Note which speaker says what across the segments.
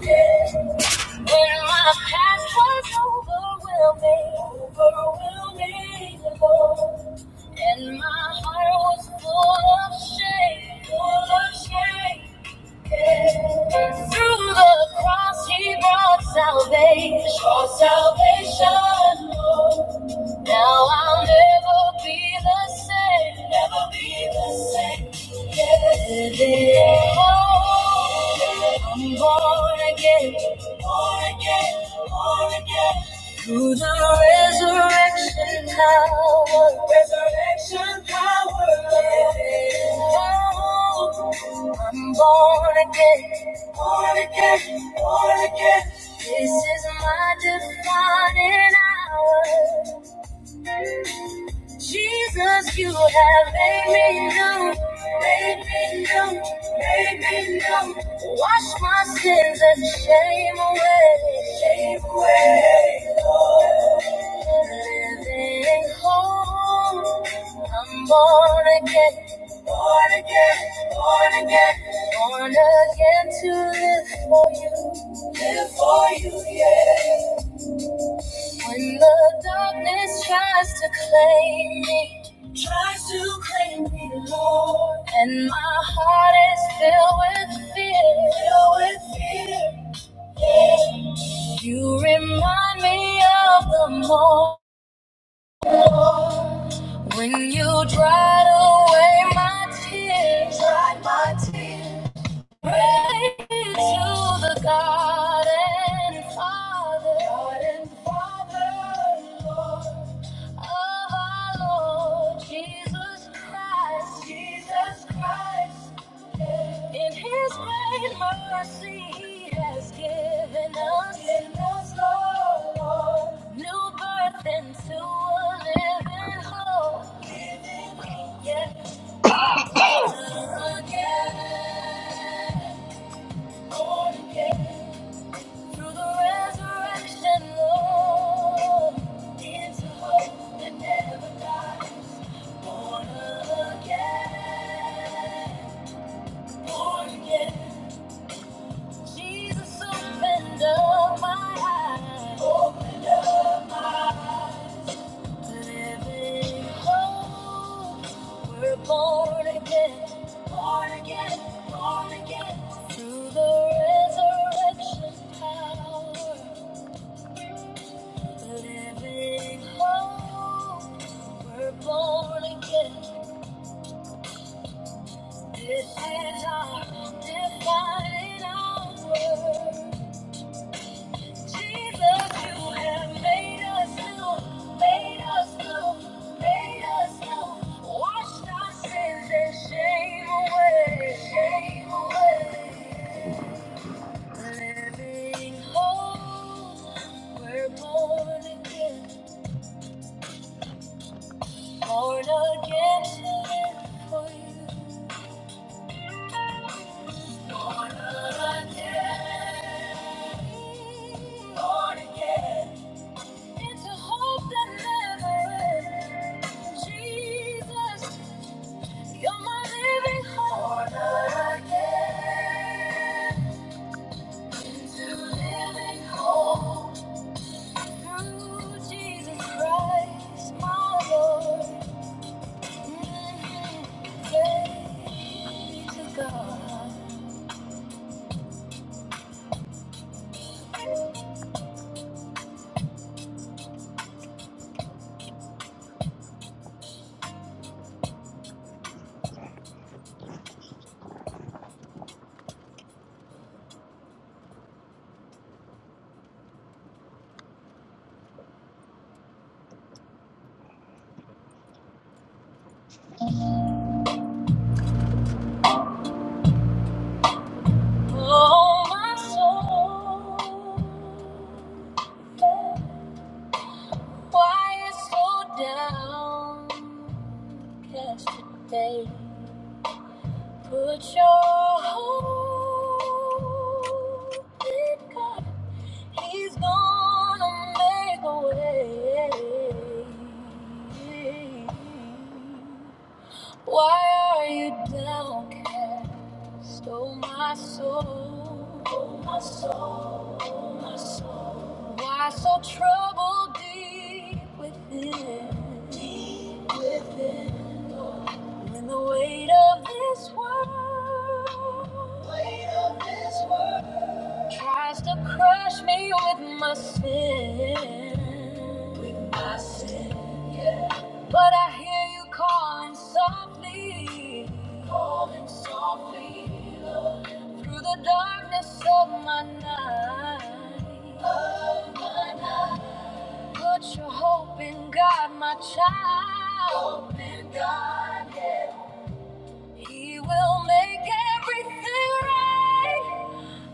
Speaker 1: When my past was overwhelming, overwhelming, Lord, and my heart was full of shame, full of shame. yeah. Through the cross, He brought salvation, brought salvation, Lord. Now I'll never be the same. Never be the same. Yeah. Oh, I'm born again. Born again. Born again. Through the resurrection power. Resurrection power. Oh, I'm born again. Born again. Born again. This is my defining hour. Jesus, you have made me new, made me new, made me new. Wash my sins and shame away, shame away. Lord. Living hope, I'm born again, born again, born again, born again to live for you, live for you, yeah. When the darkness tries to claim me, tries to claim me, Lord, and my heart is filled with fear, filled with fear. yeah. You remind me of the moment when you dried away my tears, dried my tears. Bring to the garden, Father, garden, Father, Lord. of our Lord Jesus Christ, Jesus Christ. In His great mercy, He has given us, new birth into a living hope. yeah. Born again, born again through the resurrection, Lord, into hope that never dies. Born again, born again. Jesus, opened up my eyes. Opened up my Living hope. We're born again, born again, born again. Through the resurrection power. Living hope. We're born again. This is our defining hour. Jesus, you have made us new, made us new, made us new. Washed our sins and shame away, shame away. Living hope, we're born again, born again to live for you. God. Oh, my soul, why is so downcast today? Put your hope in God. He's gonna make a way. Why are you downcast, oh my soul? Oh my soul, oh my soul. Why so troubled deep within? Deep within. When the weight of this world, weight of this world tries to crush me with my sin, with my sin. But I hear you calling softly, calling softly Lord, through the darkness of my night. Of my night. Put your hope in God, my child. Hope in God. yeah. He will make everything right.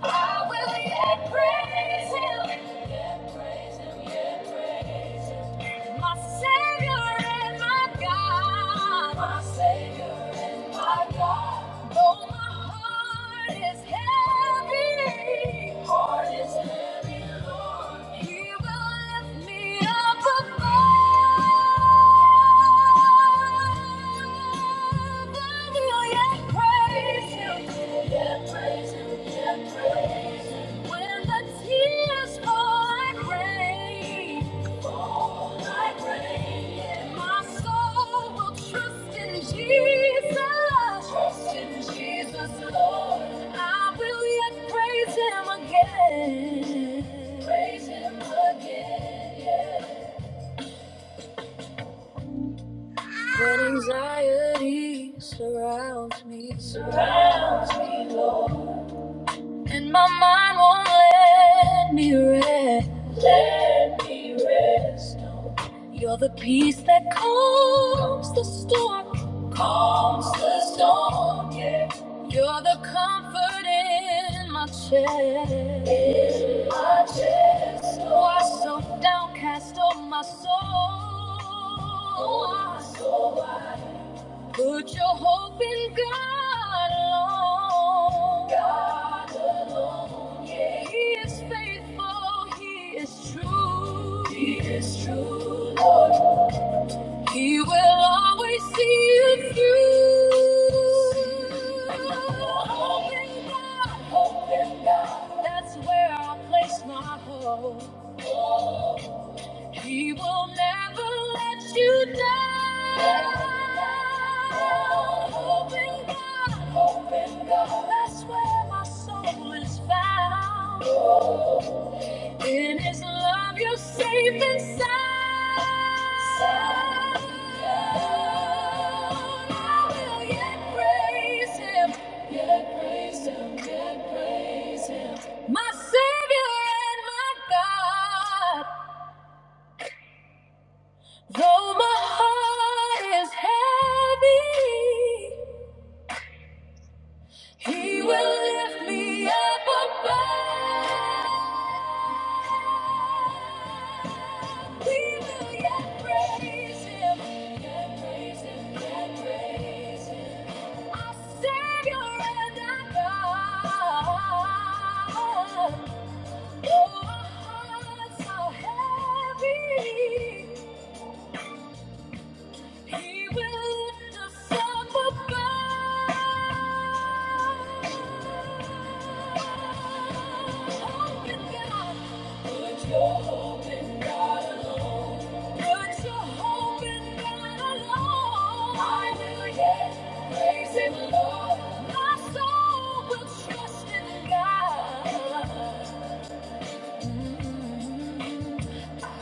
Speaker 1: I will yet praise him. Yet praise him, yet praise him. My Savior and my God. My Savior and my God. Though my heart is heavy. Heart is heavy, Lord. He will lift me up above. I will yet praise Him again. Praise Him again. When anxiety surrounds me, surrounds me, Lord. And my mind won't let me rest. Let me rest. no. You're the peace that calms the storm. Calms the storm, yeah. You're the comfort in my chest. In my chest. oh. Why so downcast, oh my soul? Oh, my soul. Put your hope in God alone. God alone, yeah. He is faithful, He is true. He is true, Lord. He will always see you through. Hope in God, hope in God. That's where I place my hope. He will never let you down. Open God, open God. That's where my soul is found. In His love, you're safe and sound. I will yet praise Him, yet praise Him, yet praise Him. My Savior and my God. Though my heart is heavy, He will lift me up above. We will yet praise Him, yet praise Him, yet praise Him. Our Savior and our God. Though our hearts are heavy. He will lift us up above. Hope God. Put your hope in God alone. Put your hope in God alone. I will yet praise Him, My soul will trust in God.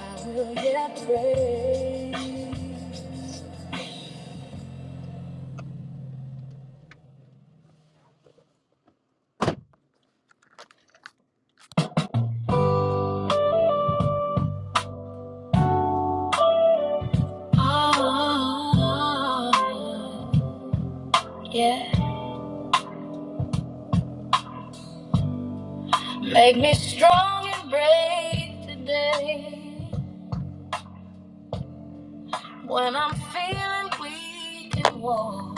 Speaker 1: I will yet praise. Oh, yeah. Make me strong and brave today. When I'm feeling weak and warm,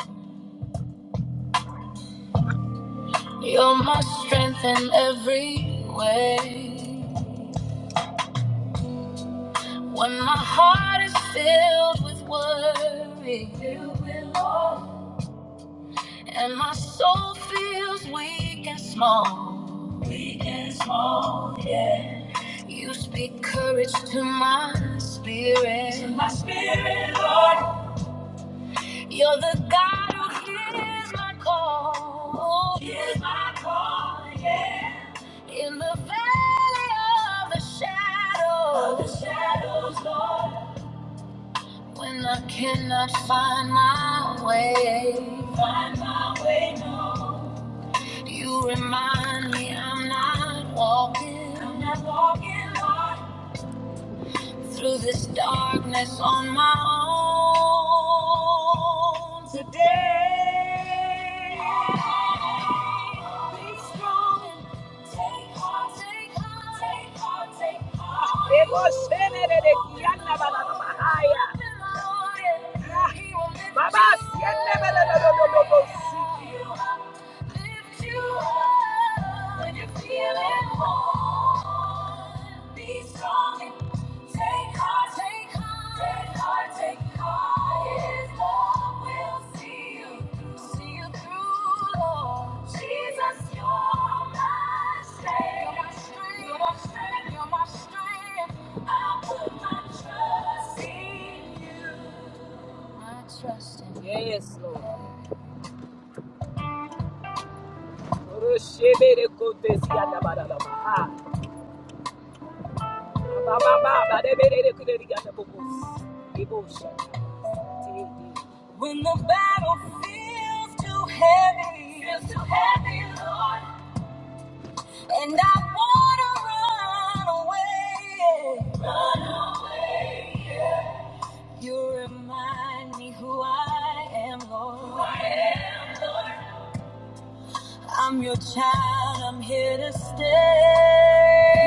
Speaker 1: you're my strength in every way. When my heart is filled with worry, you will always And my soul feels weak and small. Weak and small, yeah. You speak courage to my spirit. To my spirit, Lord. You're the God who hears my call. Hears my call, yeah. In the valley of the shadow. Of the shadows, Lord. When I cannot find my way. Find my way, no. You remind me I'm not walking. I'm not walking. Lord through this darkness on my own today. Be strong and take heart, take heart, take heart, take heart. He will lift Baba, you up. Lift you up when you're feeling low. Be strong. Take heart, take heart, take heart, take heart. His love will see you through, see you through, Lord. Jesus, you're my strength. You're my strength, you're my strength. You're my strength. I put my trust in you. My trust in you. Yes, Lord. Orushebelekodesiyandabarabara. Abababa, badeberekodesiyandabobosi. Ebosha. When the battle feels too heavy, feels too heavy, Lord, and I wanna run away, you remind me who I am, Lord. Who I am. I'm your child, I'm here to stay.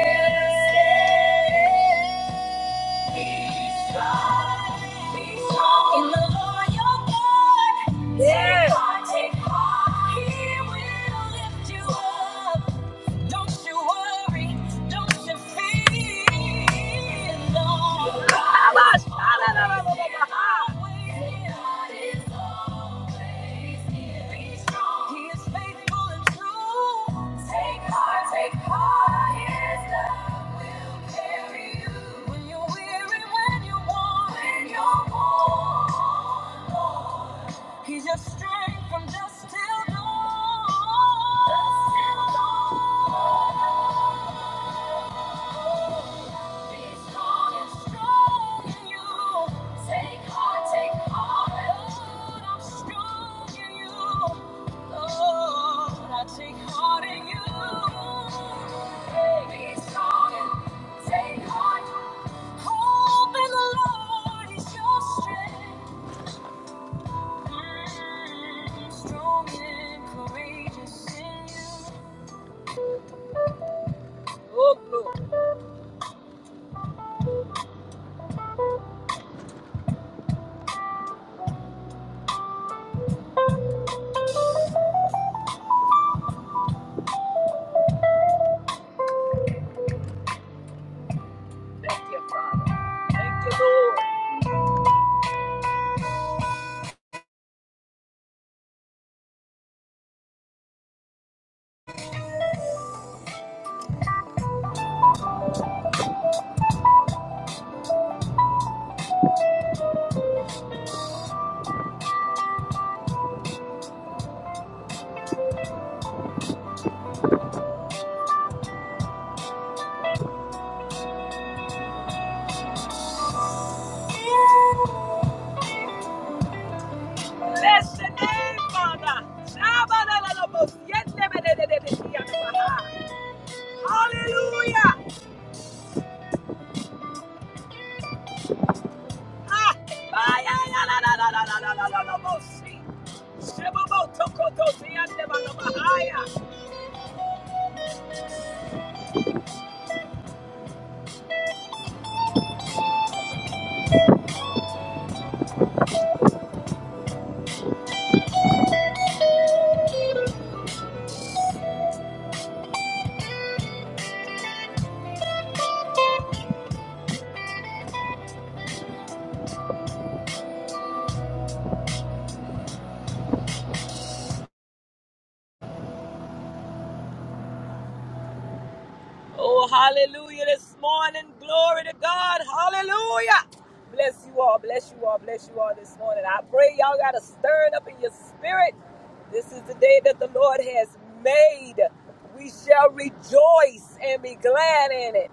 Speaker 1: Here to stay. He is faithful and true. Take heart, take heart, he is love. When you're weary, when you're worn, when you're worn, He's your strength from dusk till dawn. Dusk till dawn. Take heart Mm, Oh, Thank you, Father. Thank you, Lord. Bless the name, Father. Shabalalabos, yendebededededeyanabaha. Hallelujah. Ah, bayayalalalalalalalabosi. Shebobotokotosiyandebadabahaya. Oh, hallelujah this morning. Glory to God. Hallelujah. Bless you all. Bless you all. Bless you all this morning. I pray y'all got to stir it up in your spirit. This is the day that the Lord has made. We shall rejoice and be glad in it.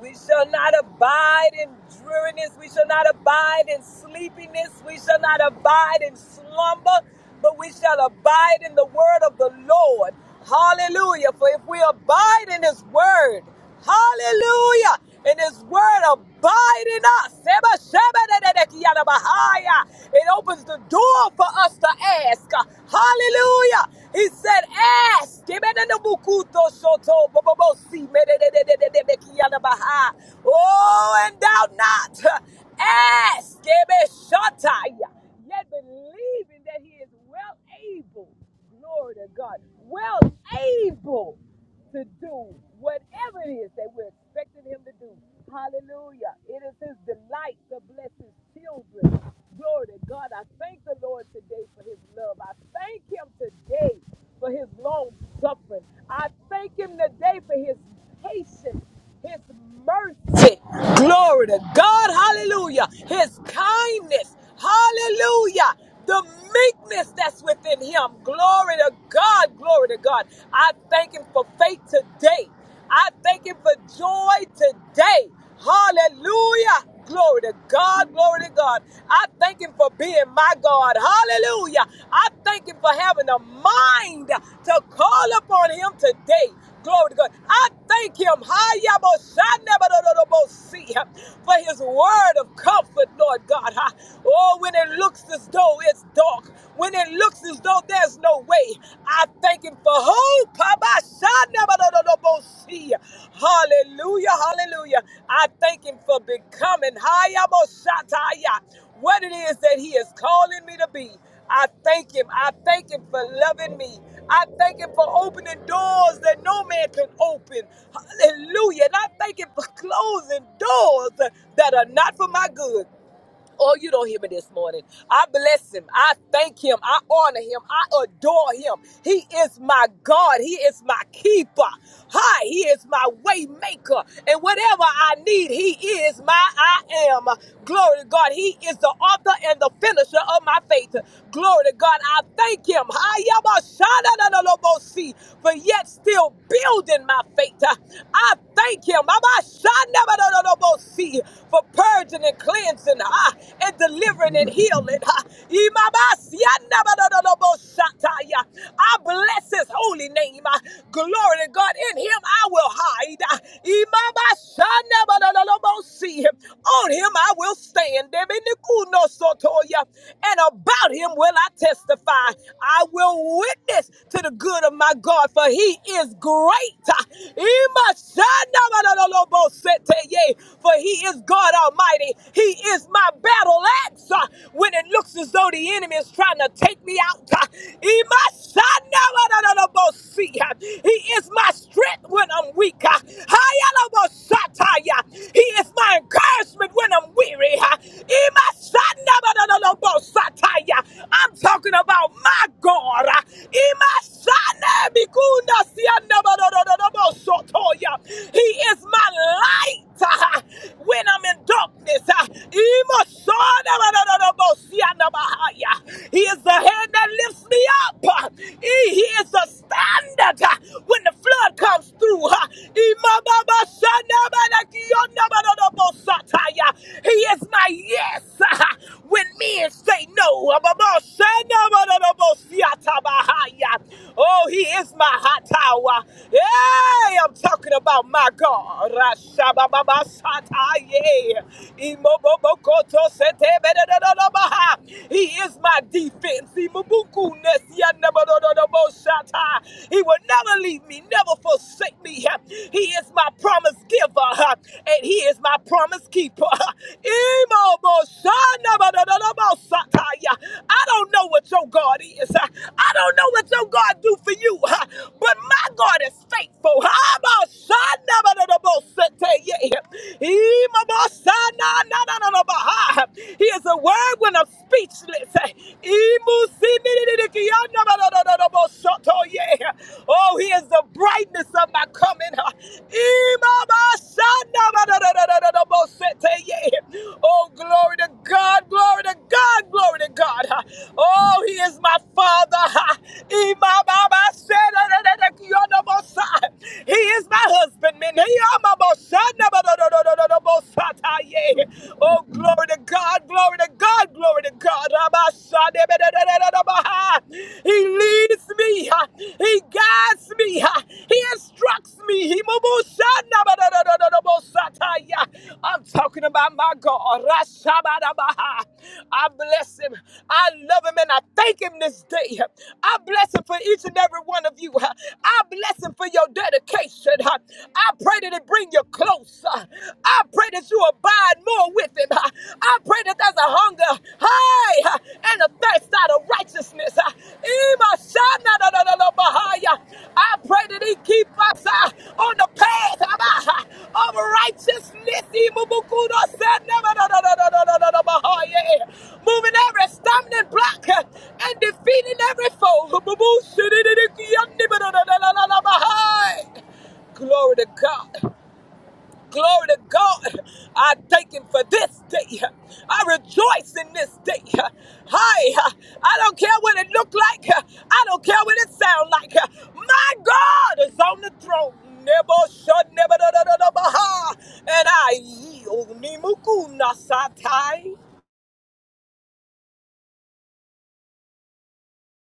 Speaker 1: We shall not abide in dreariness. We shall not abide in sleepiness. We shall not abide in slumber, but we shall abide in the word of the Lord. Hallelujah. For if we abide in his word, hallelujah, and his word abide in us. Seba, sheba, de, de, de, kia, bahaya. It opens the door for us to ask. Hallelujah. He said, ask. Ebe, de, de, bukuto, shoto, bo, bo, bo, si, me, de, de, de, de, de, de, de, kia, baha. Oh, and doubt not. Ask. Ebe, shataya. Yet believing that he is is well able, glory to God, well able to do whatever it is that we're expecting him to do. Hallelujah. It is his delight to bless his children. Glory to God. I thank the Lord today for his love. I thank him today for his long suffering. I thank him today for his patience. His mercy. Glory to God. Hallelujah. His kindness. Hallelujah. The meekness that's within him. Glory to God. Glory to God. I thank him for faith today. I thank him for joy today. Hallelujah. Glory to God. Glory to God. I thank Him for being my God. Hallelujah. I thank Him for having a mind to call upon Him today. Glory to God. I thank Him Hayabosanebadorobosi, for His word of comfort, Lord God. Oh, when it looks as though it's dark, when it looks as though there's no way, I. I thank him for hope. Papa, son, no, no, no, no, no, see. Hallelujah, hallelujah. I thank him for becoming higher, what it is that he is calling me to be. I thank him. I thank him for loving me. I thank him for opening doors that no man can open. Hallelujah. And I thank him for closing doors that are not for my good. Oh, you don't hear me this morning. I bless him. I thank him. I honor him. I adore him. He is my God. He is my keeper. Hi, he is my way maker. And whatever I need, he is my I am. Glory to God. He is the author and the finisher of my faith. Glory to God. I thank him. Hi, yabba, shada, da, da, lo, bo, see, For yet still building my faith. I thank him. Abba, shada, da, da, da, lo, bo, see, For purging and cleansing cleansing ah, and delivering and healing. ah. I bless his holy name. ah. Glory to God. In him I will hide. ah. Imabasanabadododobosi. On him I will stand. And about him will I testify. I will witness to the good of my God, for he is great. ah. For he is God Almighty mighty. He is my battle axe uh, when it looks as though the enemy is trying to take me out. uh, He must shine now, I don't know, but see, uh, He is my strength when I'm weak. uh, Hayalabosataya. He is my encouragement when I'm weary. uh, He must shine now, I don't know, but Sataya. I'm talking about my God. uh, He must shine now, Bikunda Sianda, but no, no, no, no, no, Sotoya. He is my light. when when I'm in darkness. ah, He is the hand that lifts me up. ah. He he is the standard ah, when the flood comes through. ah. He is my yes ah, when men say no. Ah, Oh, he is my hot tower. Hey, I'm talking about my God. Rashabababas. Sataye. Imobobokoto setebedededeboha. He is my defense. Imobukunes yandebodododobosata. He will never leave me, never forsake me. He is my promise giver, and He is my promise keeper. Imoboshanabodododobosataya. I don't know what your God is. I don't know what your God do for you, but my God is faithful. He is a word when I'm speechless. Oh, he is the brightness of my coming. Oh, glory to God, glory to God, glory to God. Oh, he is my father. He is my husbandman. Oh, glory to God, glory to God, glory to God. He leads me, He guides me, He instructs me. He I'm talking about my God. I bless Him, I love Him, and I thank Him this day. I bless Him for each and every one of you. I bless Him for your dedication. I pray that it bring you closer. I pray that you abide more with him. I pray that there's a hunger, hi, and a thirst out of righteousness. Ima shana da da da bahaya. I pray that he keep us uh, on the path uh, of righteousness. Ima bukudo sana da da da da da da bahaya. Moving every stumbling block uh, and defeating every foe. Bubu shidi di di ki yandi Glory to God. Glory to God. I thank Him for this day. I rejoice in this day. Hi. I don't care what it look like. I don't care what it sound like. My God is on the throne. Nebo shod nebo do do do do baha. And I yield. Nimuku nasatai.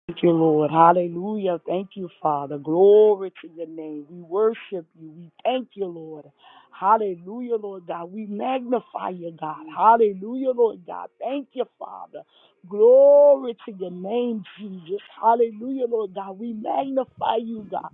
Speaker 2: Thank you, Lord. Hallelujah. Thank you, Father. Glory to your name. We worship you. We thank you, Lord. Hallelujah, Lord God. We magnify you, God. Hallelujah, Lord God. Thank you, Father. Glory to your name, Jesus. Hallelujah, Lord God. We magnify you, God.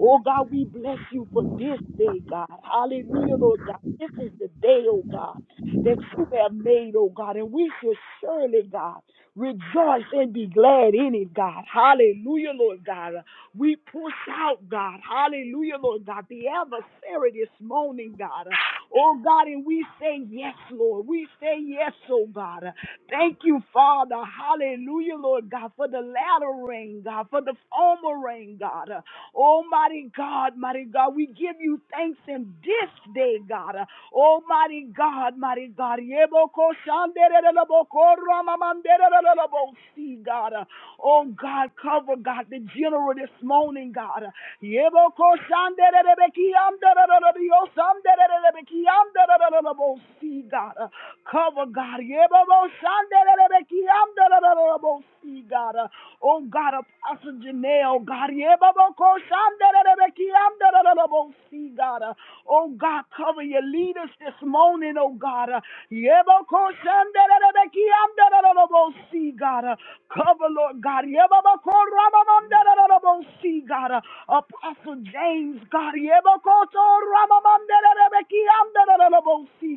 Speaker 2: Oh, God, we bless you for this day, God. Hallelujah, Lord God. This is the day, oh, God, that you have made, oh, God, and we should surely, God. Rejoice and be glad in it, God. Hallelujah, Lord God. We push out, God. Hallelujah, Lord God. The adversary this morning, God. Oh, God, and we say yes, Lord. We say yes, oh, God. Thank you, Father. Hallelujah, Lord God, for the latter rain, God, for the former rain, God. Uh, Almighty God, mighty God, we give you thanks in this day, God. Uh, Almighty God, mighty God. Yeboko shandereleleboko ramamanderelelebosi, God. Uh, Oh God, cover God, the general this morning, God. Uh, Yeboko shanderelebekiamderelelebiosamderelelebekiamderelelebosi, God. Uh, Cover God. God. Uh, Oh God, Apostle Janelle, God. God. Uh, Oh God, cover your leaders this morning, oh God. Uh, God. Uh, Cover, Lord God. God. Uh, Apostle James, God.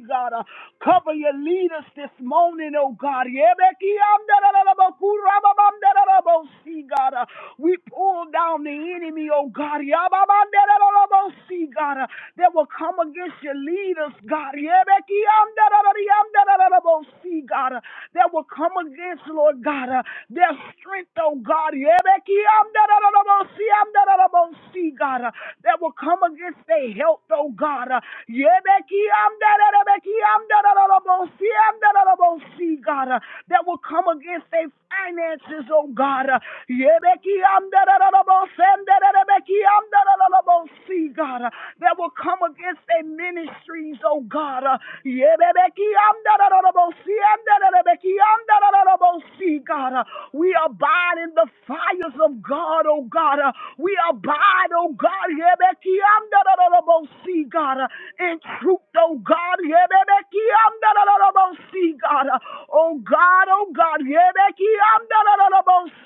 Speaker 2: God. Uh, Cover your leaders lead us this morning, oh God. Yebekiyandarabakurababandarabasi, God. Uh, We pull down the enemy, oh God. Yababandarabasi, God, uh, that will come against your leaders, God. Yebekiyandarabariyandarabasi, God, uh, that will come against, Lord God, uh, their strength, oh God. Yebekiyandarabasi, yandarabasi, God, uh, that will come against their health, oh God. Uh, Yebeki amda God, uh, that will come against their finances, oh God. Uh, God, uh, that will come against their ministries, oh God. Uh, God, uh, we abide in the fires of God, oh God. Uh, We abide, oh God, God, in truth, oh God. See God, oh God, oh God,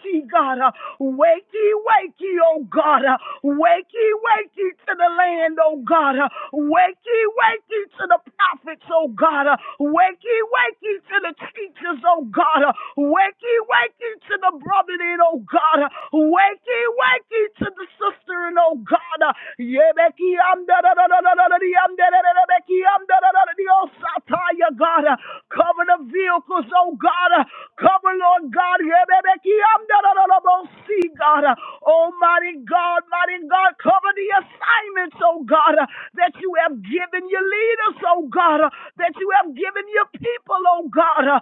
Speaker 2: see God, wakey, wakey, oh God, wakey, wakey to the land, oh God, wakey, wakey to the prophets, oh God, wakey, wakey to the teachers, oh God, wakey, wakey to the brother, oh God, wakey, wakey to the sister, oh God, Yebeki, am da da da da da da da Sataya, God. Uh, Cover the vehicles, oh God. Uh, Cover, Lord God. See, God. Uh, Almighty God, mighty God. Cover the assignments, oh God, uh, that you have given your leaders, oh God, uh, that you have given your people, oh God. Uh,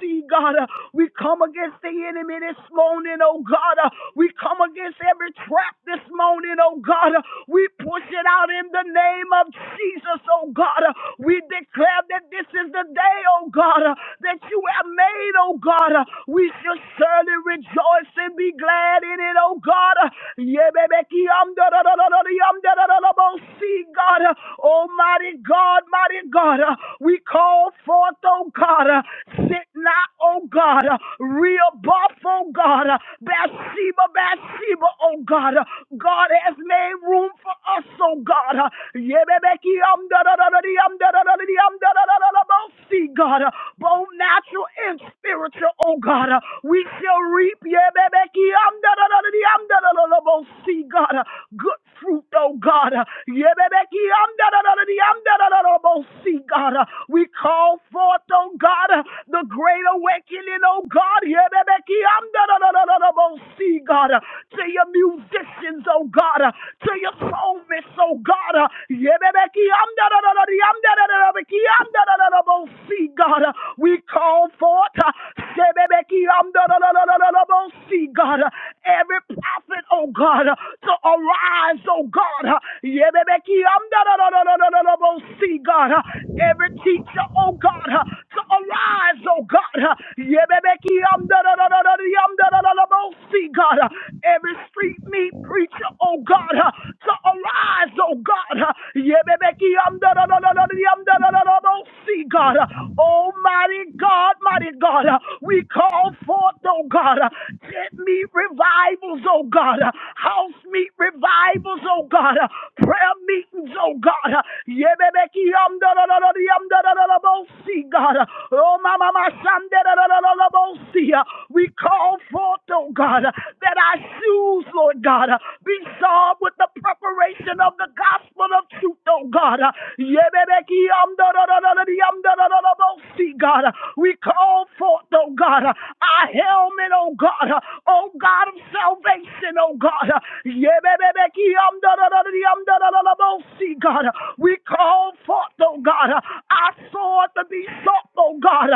Speaker 2: See, God. Uh, We come against the enemy this morning, oh God. Uh, We come against every trap this morning, oh God. God. We push it out in the name of Jesus, oh God. We declare that this is the day, oh God, that you have made, oh God. We shall surely rejoice and be glad in it, oh God. See, God, Almighty God, mighty God, we call forth, oh God, sit not, oh God, real buff, oh God, Bathsheba, Bathsheba, oh God, God. God has made room for us, oh God. Uh, yebebeki um da da da da dee, um da da da da dee, um da da da da da bo- See, God, uh, both natural and spiritual, oh God. uh, We shall reap, yebebeki um da da da da dee, um da da da da bo- See, God, uh, good fruit, oh God. uh, yebebeki um da da da da dee, um da da da da bo- See, God, uh, we call forth, oh God, uh, the great awakening, oh God. yebebeki um da da da da da da bo- See, God, uh, to your music musicians, oh God, uh, to your psalmists, oh God. uh, yebebekiyamdadadadadiyamdadadadabokiyamdadadadabosi, God, uh, we call forth uh, sebebekiyamdadadadadadabosi, God, uh, every prophet, oh God, uh, to arise, oh God. uh, yebebekiyamdadadadadadadabosi, God, uh, every teacher, oh God, uh, to arise, oh God. uh, yebebekiyamdadadadadadiyamdadadadabosi, God, uh, every Street meat preacher, oh God, uh, to arise, oh God. uh, Yebebeki yamda da da da da da yamda da da da da. See, God, uh, Almighty God, mighty God, uh, we call forth, oh God, uh, tent meet revivals, oh God, uh, house meet revivals, oh God, uh, prayer meetings, oh God. uh, Yebebeki yamda da da da da yamda da da da da. See, God, uh, oh mama, my son, da da da da da da. See, uh, we call forth, oh God, uh, that that our shoes, Lord God, be shod with the preparation of the gospel of truth, oh God. God, we call forth, oh God, our helmet, oh God, oh God of salvation, oh God. God, we call forth, oh God, our sword to be shot, oh God.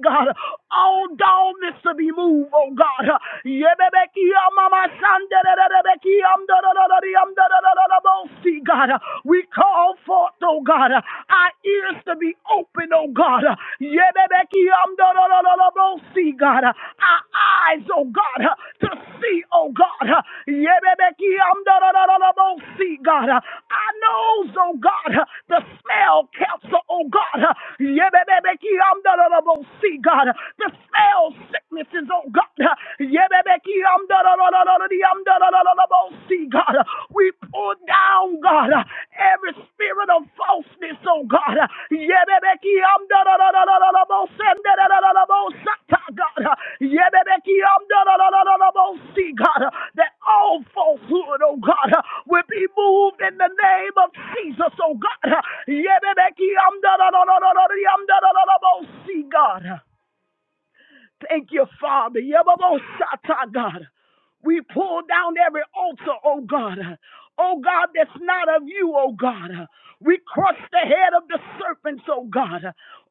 Speaker 2: God, all down boldness to be moved, oh God. Yebebekia mama sanderebekia mdorororiam dorororobosi, God. We call forth, oh God, our ears to be open, oh God. Yebebekia mdorororobosi, God. Our eyes, oh God, uh, to see, oh God. uh, Yebebeki amdorororobo, See, God. huh. I Our nose, oh God, uh, to smell cancer, oh God. uh, Yebebeki amdorororobo, See, God. uh, To smell sicknesses, oh God. uh, Yebebeki amdororororori amdorororobo, See, God. uh, We pull down, God. God, every spirit of falseness, oh God. Yebebekiyamdadadadadadadabosendadadadadabosata, God. Yebebekiyamdadadadadadabosi, God. That all falsehood, oh God, will be moved in the name of Jesus, oh God. Yebebekiyamdadadadadadadadadabosata, God. Thank you, Father. Yababosata, God. We pull down every altar, oh God. Oh God, that's not of you, oh God. We crush the head of the serpents, oh God.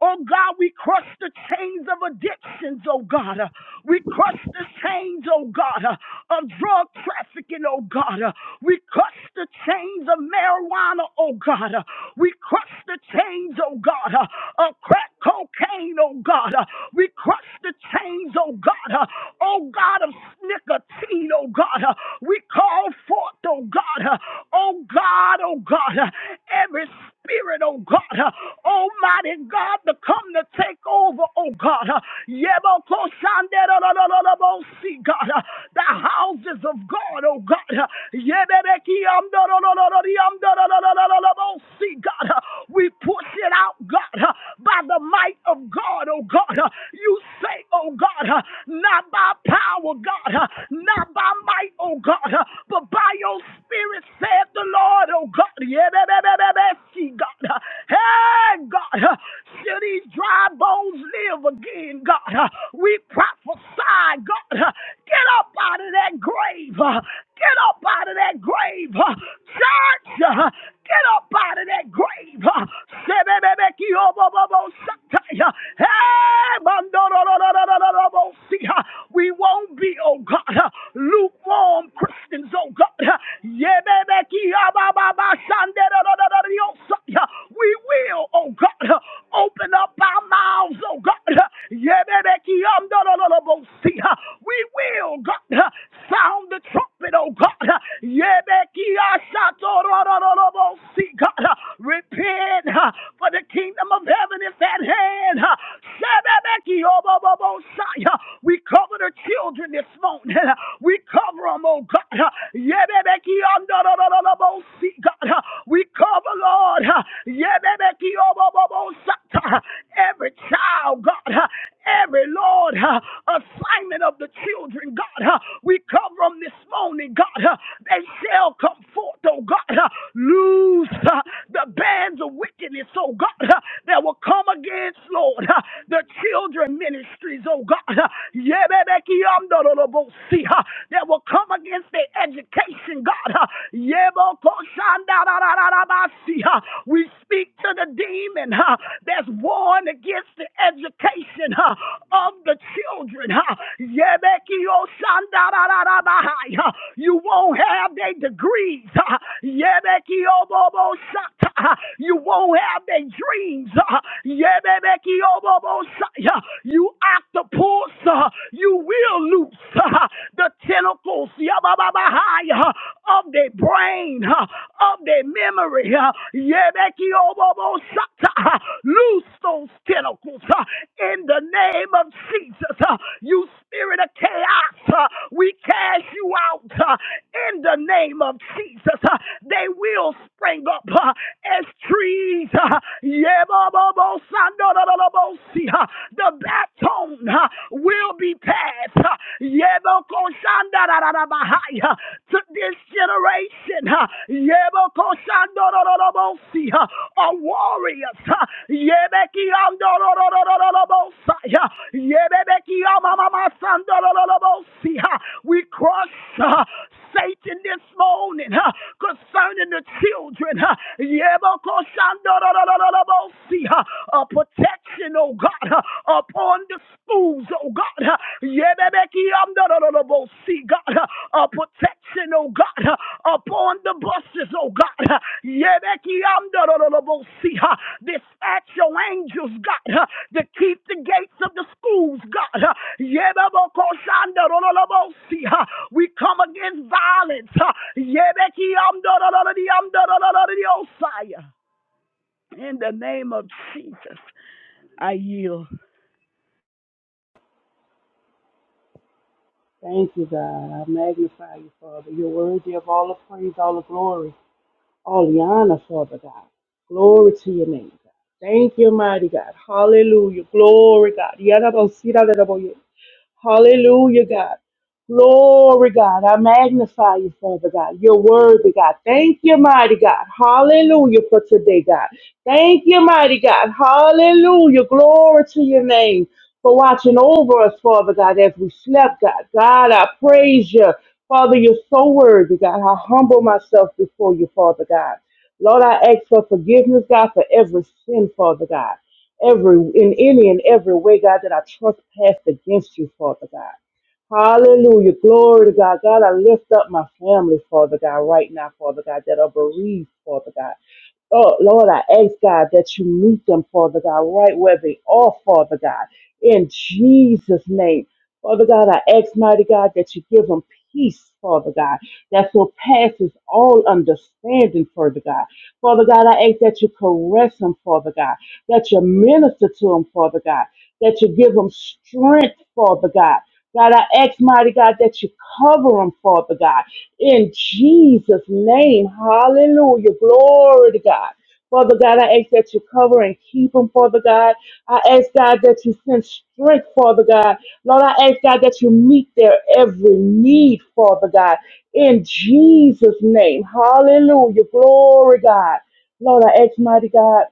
Speaker 2: Oh God, we crush the chains of addictions, oh God. We crush the chains, oh God, of drug trafficking, oh God. We crush the chains of marijuana, oh God. We crush the chains, oh God, of crack cocaine, oh God. We crush the chains, oh God, uh, oh God of nicotine, oh God, uh, we call forth, oh God, uh, oh God, oh God, uh, every spirit, oh God, uh, Almighty God, to come to take over, oh God, uh, Yeboko Shandera, la, la, la, la, bo, see, God, uh, the houses of God, oh God, uh, Yebebeki, um, da, da, da, da, da, di, um, da, da, da, da, da, da, da, bo, see, God, uh, we push it out, God, uh, by the might of God, oh God, uh, you say oh God, uh, not by power, God, uh, not by might, oh God, uh, but by your spirit, said the Lord, oh God. Yeah, that, that, that, that, that, see, God. uh, Hey, God, uh, shall these dry bones live again, God? uh, We prophesy, God. uh, Get up out of that grave. uh, Get up out of that grave. uh, Church, uh, get up out of that grave. uh, Sebebebekiobobobosatai, uh, Hey, uh, we won't be, oh God, uh, lukewarm Christians, oh God. uh, Yebebekiabababasanderororororiosa, uh, We will, oh God, uh, open up our mouths, oh God. uh, we will, God, sound the trumpet, oh God. God. Repent, for the kingdom of heaven is at hand. We cover the children this morning. We cover them, oh God. We cover, Lord every child, God, uh, every Lord uh, assignment of the children, God, uh, we cover them this morning, God. uh, They shall come forth, oh God. uh, Loose uh, the bands of wickedness, oh God, uh, that will come against, Lord, uh, the children ministries, oh God. uh, Yebebekiyamdorolobosi, uh, That will come against their education, God. uh, we speak to the demon huh, that's warned against the education huh, of the children. huh. huh. You won't have their degrees. huh. huh. You won't have their dreams. huh. huh. You octopus, huh, you will lose huh, the tentacles huh, of their brain, huh, of their memory. huh. Yebekiobobo-sata, huh. Loose those tentacles huh, in the name of Jesus. huh. You spirit of chaos, huh, we cast you out huh, in the name of Jesus. huh. They will spring up huh, as trees. huh. Yebobobo-sandodolobosi, huh. The baton huh, will be passed. huh. Yeah, Yebokoshandarabahaya, to this generation. uh, Yebokoshandorororobosi, uh, Of warriors. uh, Yebekiandororororobosai, uh, Yebebekiyamamamasandorororobosi, uh, We cross uh, Satan this morning uh, concerning the children. uh, Yebokoshandorororobosi, uh, A protection, oh God, uh, upon the fools, oh God. Yebebeki amdorolobo, See, God, huh? a protection, oh God, huh? upon the buses, oh God. Yebeki amdorolobo, see, huh? Dispatch your angels, God, huh? to keep the gates of the schools, God. Yebeboko shandorolobo, see, huh? We come against violence. Yebeki amdorolodi amdorolodi osaya. In the name of Jesus, I yield.
Speaker 3: Thank you, God. I magnify you, Father. You're worthy of all the praise, all the glory, all the honor, Father God. Glory to your name, God. Thank you, mighty God. Hallelujah. Glory, God. Yadabosiradaboye. Hallelujah, God. Glory, God. I magnify you, Father God. You're worthy, God. Thank you, mighty God. Hallelujah for today, God. Thank you, mighty God. Hallelujah. Glory to your name for watching over us, Father God, as we slept, God. God, I praise you. Father, you're so worthy, God. I humble myself before you, Father God. Lord, I ask for forgiveness, God, for every sin, Father God every in any and every way, God, that I trespassed against you, Father God. Hallelujah. Glory to God. God, I lift up my family, Father God, right now, Father God, that are bereaved, Father God. Oh, Lord, I ask God that you meet them, Father God, right where they are, Father God, in Jesus' name. Father God, I ask, mighty God, that you give them peace, Father God, that surpasses all understanding, Father God. Father God, I ask that you caress them, Father God, that you minister to them, Father God, that you give them strength, Father God. God, I ask, mighty God, that you cover them, Father God in Jesus' name. Hallelujah. Glory to God. Father God, I ask that you cover and keep them, Father God. I ask God that you send strength, Father God. Lord, I ask God that you meet their every need, Father God. In Jesus' name. Hallelujah. Glory God. Lord, I ask mighty God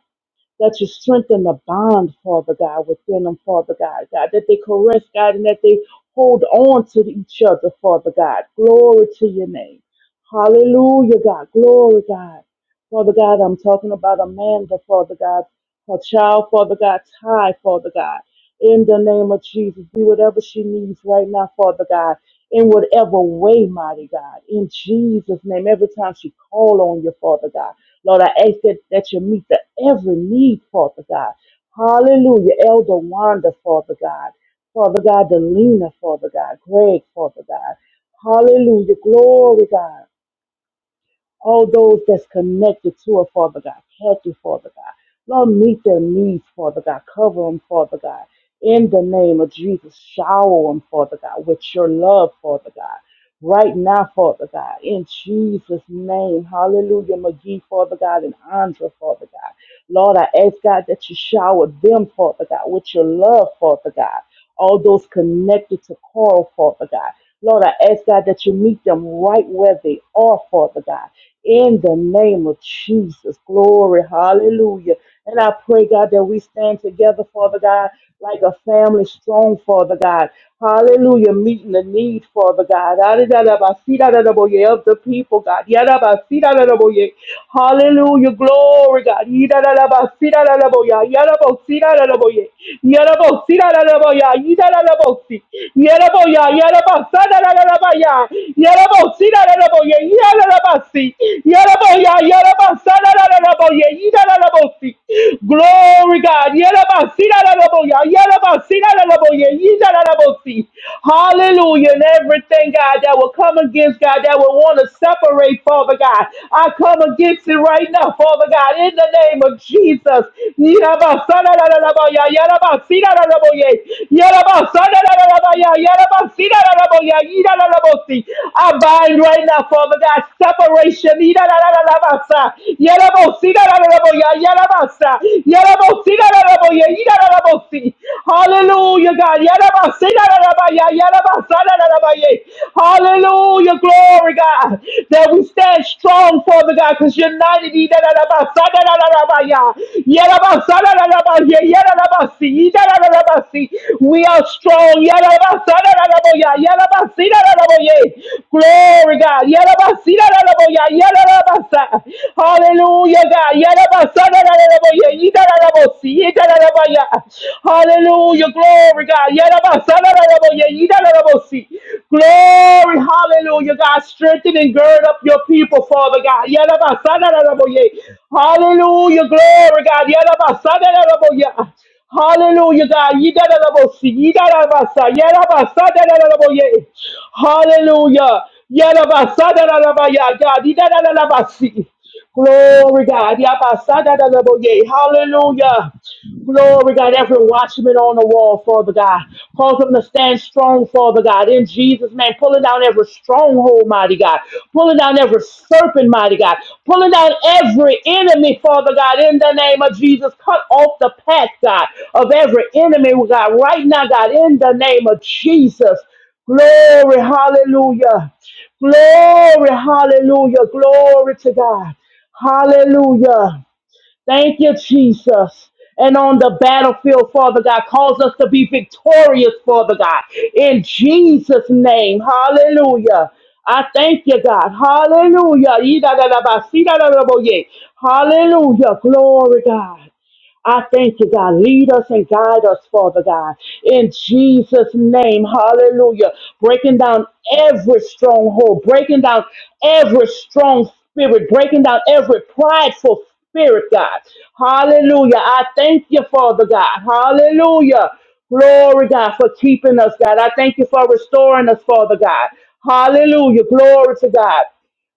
Speaker 3: that you strengthen the bond, Father God, within them, Father God, God, that they caress, God, and that they hold on to each other, Father God. Glory to your name. Hallelujah, God. Glory, God. Father God, I'm talking about Amanda, Father God, her child, Father God, Ty, Father God. In the name of Jesus, do whatever she needs right now, Father God, in whatever way, mighty God. In Jesus' name, every time she call on you, Father God. Lord, I ask that, that you meet the every need, Father God. Hallelujah. Elder Wanda, Father God. Father God, Delina, Father God. Greg, Father God. Hallelujah. Glory, God. All those that's connected to her, Father God. Kathy, Father God. Lord, meet their needs, Father God. Cover them, Father God. In the name of Jesus, shower them, Father God, with your love, Father God right now, Father God, in Jesus' name. Hallelujah, McGee, Father God, and Andra, Father God. Lord, I ask God that you shower them, Father God, with your love, Father God. All those connected to Coral, Father God. Lord, I ask God that you meet them right where they are, Father God in the name of Jesus. Glory, hallelujah. And I pray, God, that we stand together, Father God, like a family strong, Father God. Hallelujah, meeting the need, Father God. Da-da-da-da-ba-si-da-da-da-bo-ye Of the people, God. Ya-da-ba-si-da-da-da-bo-ye. Hallelujah, glory, God. Ya-da-da-da-ba-si-da-da-da-bo-ya. Ya-da-bo-si-da-da-da-bo-ye. Ya-da-bo-si-da-da-da-bo-ya. Ya-da-da-da-bo-si. Glory God. Hallelujah. And everything, God, that will come against God, that will want to separate, Father God. I come against it right now, Father God, in the name of Jesus. Yarabaya, Yarabasira Raboye, Yarabasana Rabaya, Yarabasira Raboya, Ida Rabosi. I bind right now, Father God, separation. Ida Rabasa, Yarabosira Raboya, Yarabasa, Yarabosira Raboya, Ida Rabosi. Hallelujah, God. Yarabasira Rabaya, Yarabasana Rabaye. Hallelujah, glory, God, that we stand strong for Father God, because you're 90 da da da ba si. si. We are strong. Ya da ba sa si Glory God. si Hallelujah God. si. Hallelujah. Glory God. si. Glory, hallelujah, God. Strengthen and gird up your people, Father God. Yadabasadadaboye. Hallelujah, glory, God. Yadabasadadaboye. Hallelujah, God. Yidadabosi, yidadabasa, yadabasadadaboye. Hallelujah. Yadabasadadabaya, God. Yidadabasi. Glory God. Yabasadadadaboye. Hallelujah. Glory God. Every watchman on the wall, Father God. Cause them to stand strong, Father God. In Jesus' name. Pulling down every stronghold, mighty God. Pulling down every serpent, mighty God. Pulling down every enemy, Father God. In the name of Jesus. Cut off the path, God, of every enemy, God. Right now, God. In the name of Jesus. Glory. Hallelujah. Glory, hallelujah. Glory to God. Hallelujah. Thank you, Jesus. And on the battlefield, Father God, cause us to be victorious, Father God. In Jesus' name. Hallelujah. I thank you, God. Hallelujah. Yee see da da da bo Hallelujah. Glory, God. I thank you, God. Lead us and guide us, Father God. In Jesus' name, hallelujah. Breaking down every stronghold, breaking down every strong spirit, breaking down every prideful spirit, God. Hallelujah. I thank you, Father God. Hallelujah. Glory, God, for keeping us, God. I thank you for restoring us, Father God. Hallelujah. Glory to God.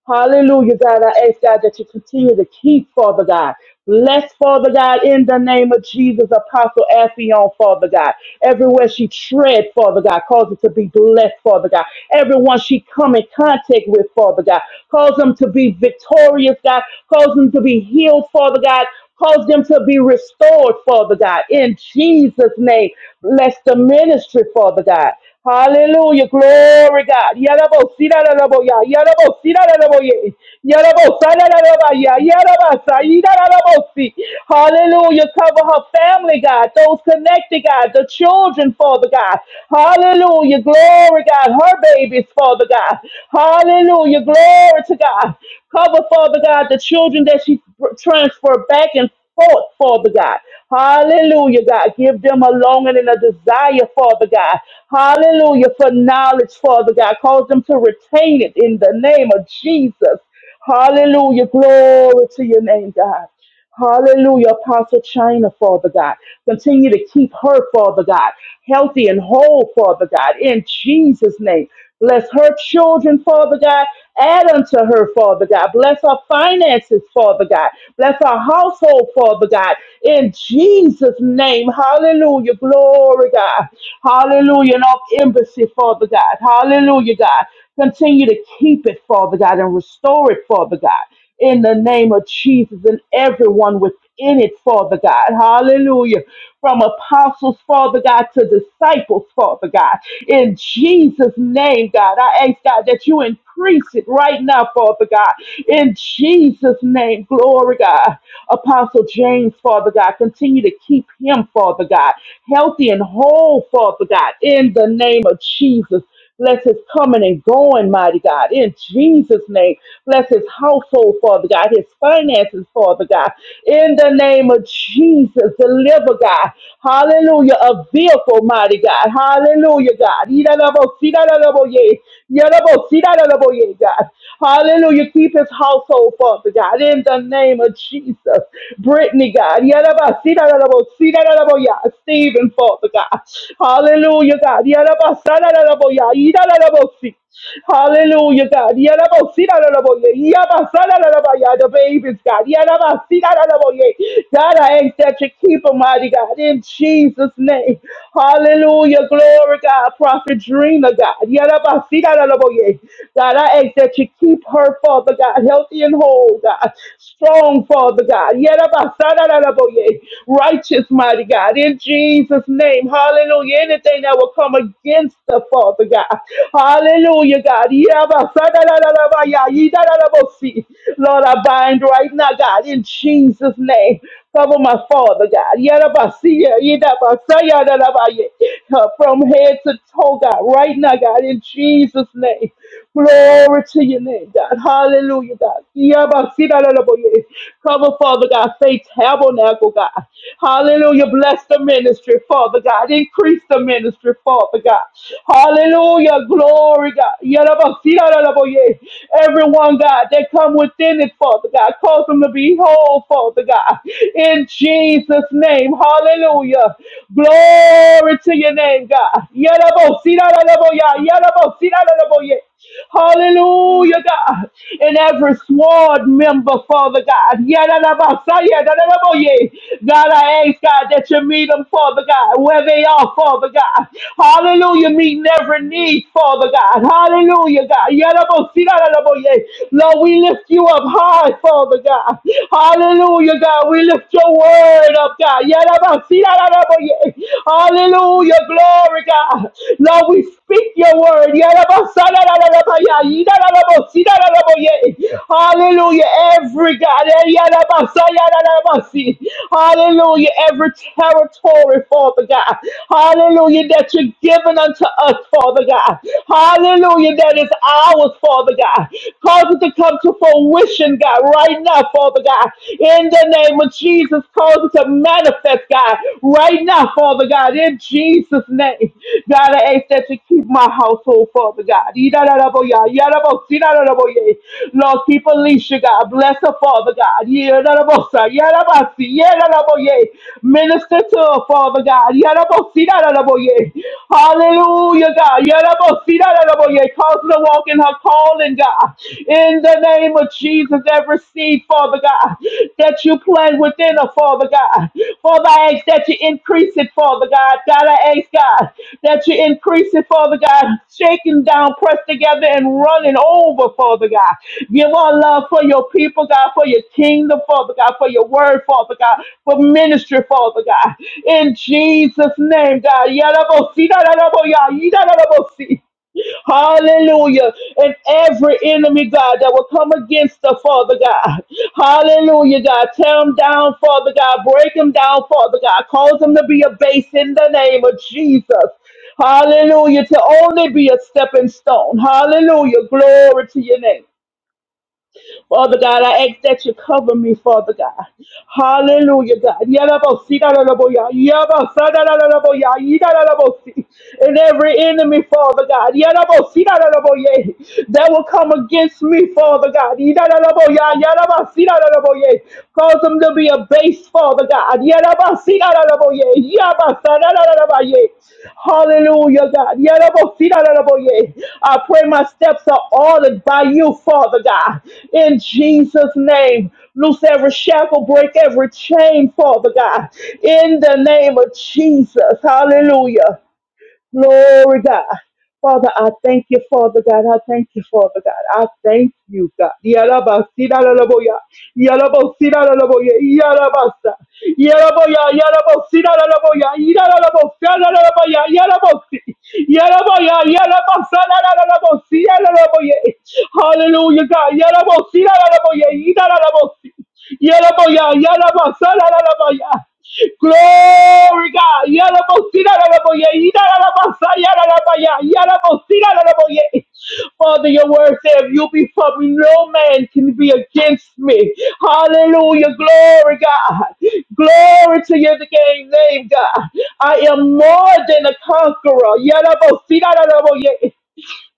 Speaker 3: Hallelujah, God. I ask God that you continue to keep, Father God. Bless, Father God, in the name of Jesus, Apostle Affion, Father God. Everywhere she tread, Father God, cause it to be blessed, Father God. Everyone she come in contact with, Father God, cause them to be victorious, God. Cause them to be healed, Father God. Cause them to be restored, Father God. In Jesus' name, bless the ministry, Father God. Hallelujah. Glory, God. Yalabo, sida, da, da, bo, ya. Yalabo, sida, da, da, bo, ye. Yalabo, sa, da, da, da, ba, ya. Yalaba, sa, yi, da, da, bo, si. Hallelujah. Cover her family, God. Those connected, God. The children, Father God. Hallelujah. Glory, God. Her babies, Father God. Hallelujah. Glory to God. Cover, Father God, the children children that she pr- transferred back and forth, Father God. Hallelujah, God. Give them a longing and a desire, Father God. Hallelujah, for knowledge, Father God. Cause them to retain it in the name of Jesus. Hallelujah. Glory to your name, God. Hallelujah, Apostle China, Father God. Continue to keep her, Father God, healthy and whole, Father God, in Jesus' name. Bless her children, Father God. Add unto her, Father God. Bless her finances, Father God. Bless her household, Father God. In Jesus' name, hallelujah. Glory, God. Hallelujah. And all embassy, Father God. Hallelujah, God. Continue to keep it, Father God, and restore it, Father God in the name of Jesus and everyone within it, Father God. Hallelujah. From apostles, Father God, to disciples, Father God. In Jesus' name, God, I ask God that you increase it right now, Father God. In Jesus' name, glory, God. Apostle James, Father God, continue to keep him, Father God, healthy and whole, Father God, in the name of Jesus. Bless his coming and going, mighty God. In Jesus' name, bless his household, Father God, his finances, Father God. In the name of Jesus, deliver, God. Hallelujah. A vehicle, mighty God. Hallelujah, God. Yidadabosiyadadaboye. Yadabosiyadadaboye, God. Hallelujah. Keep his household, Father God. In the name of Jesus. Brittany, God. Yadabasiyadadabosiyadadaboya. Stephen, Father God. Hallelujah, God. Yadabasiyadadaboya. Yidalabosi. Hallelujah, God. Yalabosi, Dalaboye. Yabasa, Dalabaya. The babies, God. Yalabasi, Dalaboye. God, I ask that you keep them, mighty God, in Jesus' name. Hallelujah, glory, God. Prophet Dreamer, God. Yalabasi, Dalaboye. God, I ask that you keep her, Father God, healthy and whole, God. Strong, Father God. Yalabasa, Dalaboye. Righteous, mighty God. In Jesus' name. Hallelujah. Anything that will come against the Father God. Hallelujah, God. Yabasadadadabaya, yidadadabosi. Lord, I bind right now, God, in Jesus' name. Cover my father, God. Yadabasiya, yidabasayadadabaya. Uh, From head to toe, God, right now, God, in Jesus' name. Glory to your name, God. Hallelujah, God. Yabasidadadaboye. Cover, Father God, faith tabernacle, God. Hallelujah. Bless the ministry, Father God. Increase the ministry, Father God. Hallelujah. Hallelujah. Glory, God. Yarabasiraraboye. Everyone, God, that come within it, Father God. Cause them to be whole, Father God. In Jesus' name. Hallelujah. Glory to your name, God. Yarabosiraraboya. Yarabosiraraboye. Hallelujah, God. And every sword member, Father God. Yadadabasa, yadadabaye. God, I ask, God, that you meet them, Father God, where they are, Father God. Hallelujah, meeting every need, Father God. Hallelujah, God. Yadabosi, yadadabaye. Lord, we lift you up high, Father God. Hallelujah, God. We lift your word up, God. Yadabasi, yadadabaye. Hallelujah your glory, God. Lord, we speak your word. Hallelujah. Every God. eh, Hallelujah. Every territory, Father God. Hallelujah. That you're giving unto us, Father God. Hallelujah. That is ours, Father God. Cause it to come to fruition, God, right now, Father God. In the name of Jesus. Jesus, cause it to manifest, God, right now, Father God, in Jesus' name. God, I ask that you keep my household, Father God. Yidadadaboya, yadabos, yidadadaboye. Lord, keep Alicia, God. Bless her, Father God. Yidadabosa, yadabasi, yadadaboye. Minister to her, Father God. Yadabos, yidadadaboye. Hallelujah, God. Yadabos, yidadadaboye. Cause her to walk in her calling, God. In the name name of Jesus, every seed, Father God, that you plant within her, Father God. Father, I ask that you increase it, Father God. God, I ask, God, that you increase it, Father God, shaking down, pressed together, and running over, Father God. Give our love for your people, God, for your kingdom, Father God, for your word, Father God, for ministry, Father God. In Jesus' name, God. Yarabosi, yarabosi, yarabosi. Hallelujah. And every enemy, God, that will come against the Father God. Hallelujah, God. Tear them down, Father God. Break them down, Father God. Cause them to be a base in the name of Jesus. Hallelujah. To only be a stepping stone. Hallelujah. Glory to your name. Father God, I ask that you cover me, Father God. Hallelujah, God. Yalabosi, dadalaboya, yabasa, dadalaboya, yidalabosi. And every enemy, Father God, yalabosi, dadalaboye, that will come against me, Father God. Yidalaboya, yalabasi, dadalaboye. Cause them to be a base, Father. Father God. Yarabasigararaboye, yabasarararabaye. Hallelujah, God. Yarabosigararaboye. I pray my steps are ordered by you, Father God. In Jesus' name. Loose every shackle, break every chain, Father God. In the name of Jesus. Hallelujah. Glory, God. Father, I thank you, Father God. I thank you, Father God. I thank you, God. Yalabasilalalaboya. Yalabosilalalaboya. Yalabasa. Yalaboya. Yalabosilalaboya. Yalalabosilalalaboya. Yalabosi. Yalaboya. Yalabasalalabosi. Yalalaboya. Hallelujah, God. Yalabosilalalaboya. Yalalabosi. Yalaboya. Yalabasalalaboya. Glory God. la la boye, Yala la yaraboye, yarabasa, yarabaya, yarabosira, yaraboye. Father, your word said, if you be for me, no man can be against me. Hallelujah. Glory, God. Glory to your name, name, God. I am more than a conqueror. Yala bosina la boye.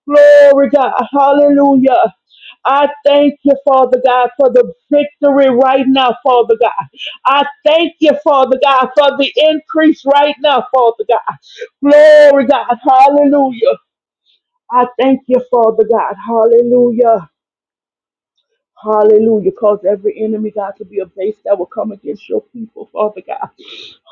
Speaker 3: Glory, God. Hallelujah. I thank you, Father God, for the victory right now, Father God. I thank you, Father God, for the increase right now, Father God. Glory, God. Hallelujah. I thank you, Father God. Hallelujah. Hallelujah. Cause every enemy, God, to be a base that will come against your people, Father God.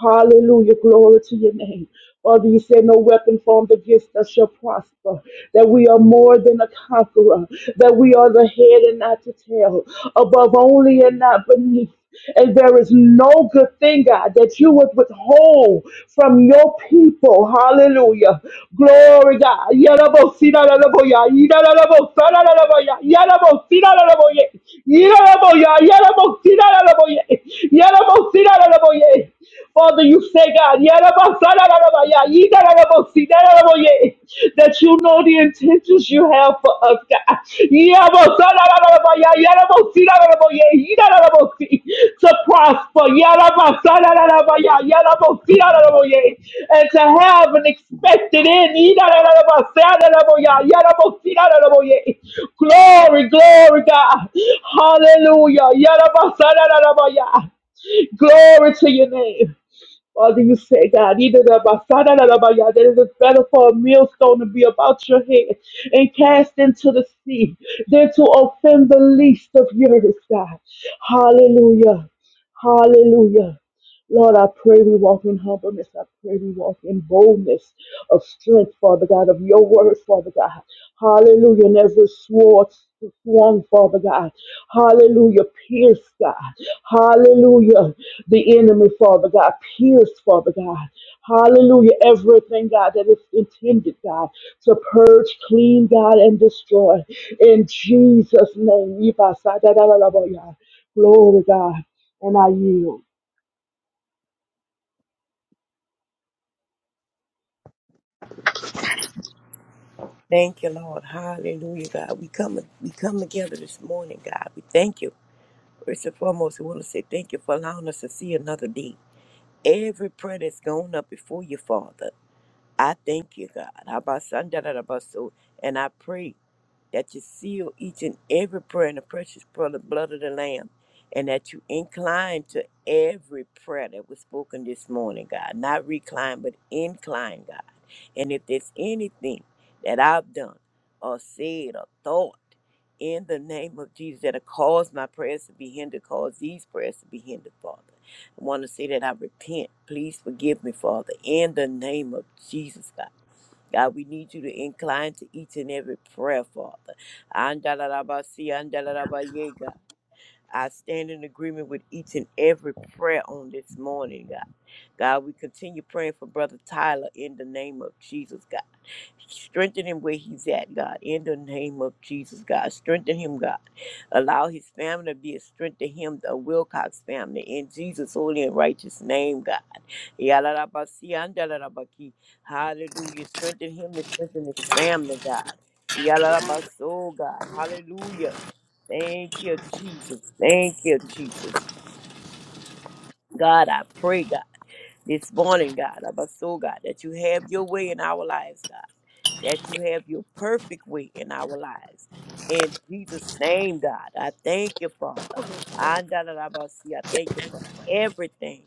Speaker 3: Hallelujah. Glory to your name. Father, you said no weapon formed against us shall prosper, that we are more than a conqueror, that we are the head and not the tail, above only and not beneath. And there is no good thing, God, that you would withhold from your people. Hallelujah. Glory, God. Yalabosinalalaboya, yidalalabosanalalaboya, yalabosinalalaboye, yidalaboya, yalabosinalalaboye, yalabosinalalaboye. For Father, you say, God, "Yarabasarabaya, that you know the intentions you have for us, God. Yarabasarabaya, To prosper yarabasarabaya, and to have an expected end. Glory, glory, God. Hallelujah. Glory to your name. Father, you say, God, either the Basada or the Baya, that it is better for a millstone to be about your head and cast into the sea than to offend the least of yours, God. Hallelujah. Hallelujah. Lord, I pray we walk in humbleness. I pray we walk in boldness of strength, Father God, of your word, Father God. Hallelujah. And every sword swung, Father God. Hallelujah. Pierce, God. Hallelujah. The enemy, Father God, pierced, Father God. Hallelujah. Everything, God, that is intended, God, to purge, clean, God, and destroy. In Jesus' name. Glory, God. And I yield.
Speaker 4: Thank you, Lord. Hallelujah, God. We come we come together this morning, God. We thank you. First and foremost, we want to say thank you for allowing us to see another day. Every prayer that's gone up before you, Father, I thank you, God. How about Sunday? And I pray that you seal each and every prayer in the precious pro- blood of the Lamb, and that you incline to every prayer that was spoken this morning, God. Not recline, but incline, God. And if there's anything that I've done or said or thought in the name of Jesus that have caused my prayers to be hindered, caused these prayers to be hindered, Father. I want to say that I repent. Please forgive me, Father, in the name of Jesus, God. God, we need you to incline to each and every prayer, Father. Andalabasi, andalabaye, God. I stand in agreement with each and every prayer on this morning, God. God, we continue praying for Brother Tyler in the name of Jesus, God. Strengthen him where he's at, God, in the name of Jesus, God. Strengthen him, God. Allow his family to be a strength to him, the Wilcox family, in Jesus' holy and righteous name, God. Yalarabasi andalarabaki. Hallelujah. Strengthen him and strengthen his family, God. Yalarabaso, God. Hallelujah. Thank you, Jesus. Thank you, Jesus. God, I pray, God, this morning, God, Abaso, God, that you have your way in our lives, God that you have your perfect way in our lives. In Jesus' name, God, I thank you, Father. Andalabasi, I thank you for everything.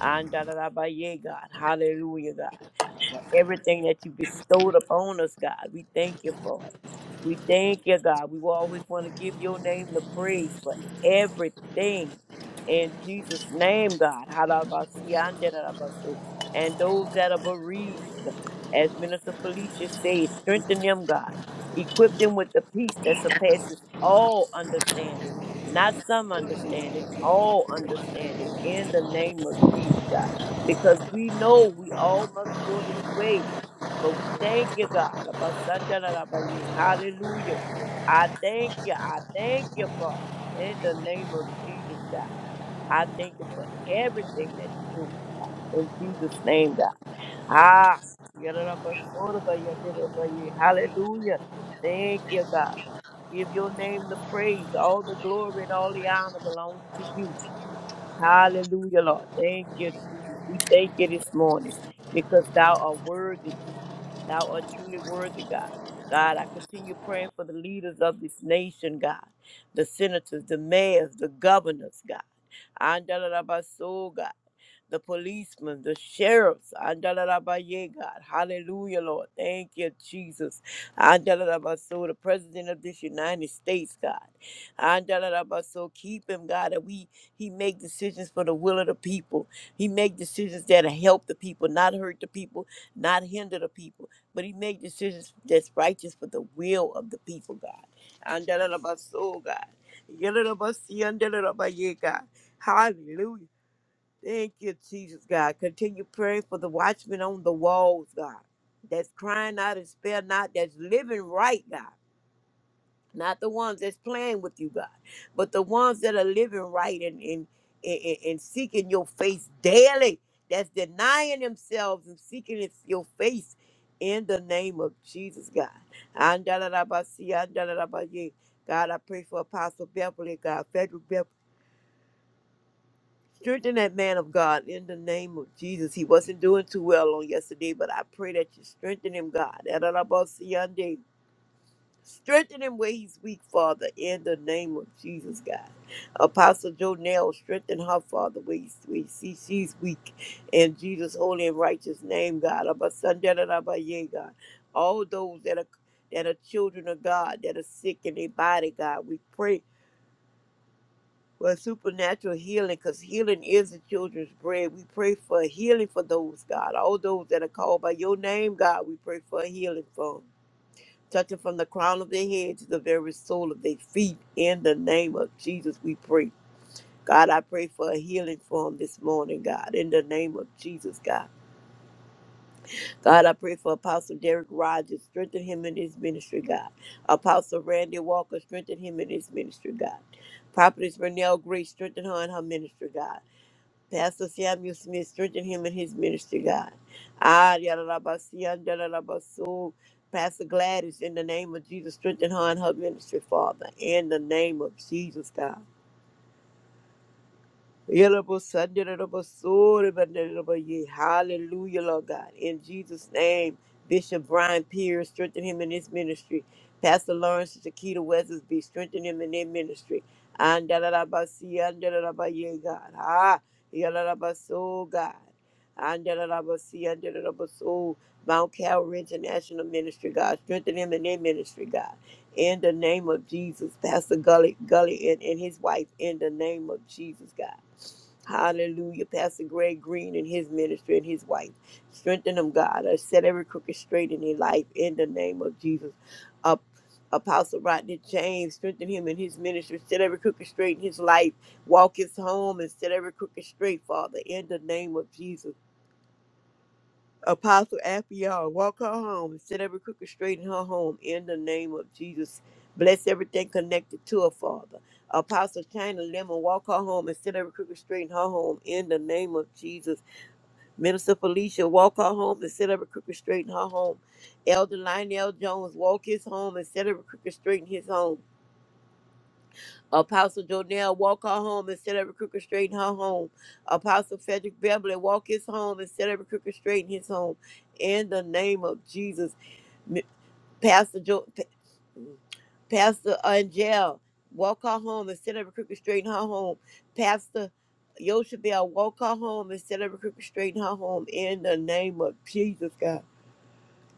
Speaker 4: Andalabaye, God. Hallelujah, God. For everything that you bestowed upon us, God. We thank you for it. We thank you, God. We will always want to give your name the praise for everything. In Jesus' name, God. Halabasi, andalabaso. And those that are bereaved. As Minister Felicia says, strengthen them, God. Equip them with the peace that surpasses all understanding, not some understanding, all understanding, in the name of Jesus, God. Because we know we all must go this way. But we thank you, God. Abasandalabaye. Hallelujah. I thank you. I thank you, Father. In the name of Jesus, God. I thank you for everything that you're doing, God. In Jesus' name, God. Ah, Yadadabasodabayandidadabaye. hallelujah. Thank you, God. Give your name the praise. All the glory and all the honor belongs to you. Hallelujah, Lord. Thank you, Jesus. We thank you this morning because thou art worthy. Thou art truly worthy, God. God, I continue praying for the leaders of this nation, God, the senators, the mayors, the governors, God. Andalarabaso, God. The policemen, the sheriffs, Andalarabaye, God. Hallelujah, Lord. Thank you, Jesus. Andalarabaso, the president of this United States, God. Andalarabaso, keep him, God, that we he make decisions for the will of the people. He make decisions that help the people, not hurt the people, not hinder the people but he made decisions that's righteous for the will of the people, God. And da- da- da- ba- so, God. Ya- da- da- ba- si- and da- da- da- ba- yeah, God. Hallelujah. Thank you, Jesus, God. Continue praying for the watchmen on the walls, God. That's crying out and spare not, that's living right, God not the ones that's playing with you, God, but the ones that are living right and and, and, and seeking your face daily, that's denying themselves and seeking its- your face in the name of Jesus, God. Andalabasi, andalabaye. God, I pray for Apostle Beverly, God, Frederick Beverly. Strengthen that man of God in the name of Jesus. He wasn't doing too well on yesterday, but I pray that you strengthen him, God. Strengthen him where he's weak, Father, in the name of Jesus, God. Apostle Jonell, strengthen her, Father, where, he's, where she, she's weak. In Jesus' holy and righteous name, God. Abba, son, da, da, da, ba, yeah, God. All those that are that are children of God, that are sick in their body, God, we pray for supernatural healing because healing is the children's bread. We pray for healing for those, God. All those that are called by your name, God, we pray for healing for 'em touching from the crown of their head to the very sole of their feet. In the name of Jesus, we pray. God, I pray for a healing for him this morning, God, in the name of Jesus, God. God, I pray for Apostle Derek Rogers, strengthen him in his ministry, God. Apostle Randy Walker, strengthen him in his ministry, God. Prophetess Renelle Grace, strengthen her in her ministry, God. Pastor Sam used to me strengthen him in his ministry, God. Ah, yada la yadadabasia, dadadabasu. Pastor Gladys, in the name of Jesus, strengthen her in her ministry, Father. In the name of Jesus, God. Yalabo Sunday, yalabo Sunday, but yalabo ye. Hallelujah, Lord God. In Jesus' name, Bishop Brian Pierce, strengthen him in his ministry. Pastor Lawrence Shakita Weathersby, strengthen him in their ministry. And dalalabasi, and dalalaba God. Ah, yalalabaso, God. And dalalabasi, and dalalabaso. Mount Calvary International Ministry, God. Strengthen him in their ministry, God. In the name of Jesus, Pastor Gully, Gully, and, and his wife, in the name of Jesus, God. Hallelujah. Pastor Greg Green and his ministry and his wife. Strengthen them, God. Uh, set every crooked straight in their life in the name of Jesus. Uh, Apostle Rodney James, strengthen him in his ministry. Set every crooked straight in his life. Walk his home and set every crooked straight, Father, in the name of Jesus. Apostle Afia, walk her home and set every crooked straight in her home in the name of Jesus. Bless everything connected to her, Father. Apostle China Lemon, walk her home and set every crooked straight in her home in the name of Jesus. Minister Felicia, walk her home and set every crooked straight in her home. Elder Lionel Jones, walk his home and set every crooked straight in his home. Apostle Jonell walk her home instead of every crooked straight in her home. Apostle Frederick Beverly walk his home instead of every crooked straight in his home. In the name of Jesus, Mi- Pastor jo- Pa- Pastor Angel walk her home instead of every crooked straight in her home. Pastor Yoshabel walk her home instead of every crooked straight in her home. In the name of Jesus, God.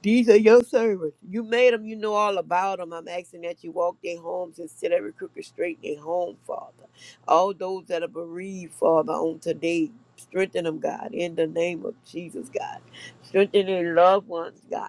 Speaker 4: These are your servants. You made them. You know all about them. I'm asking that you walk their homes and set every crooked straight in their home, Father. All those that are bereaved, Father, on today, strengthen them, God, in the name of Jesus, God. Strengthen their loved ones, God.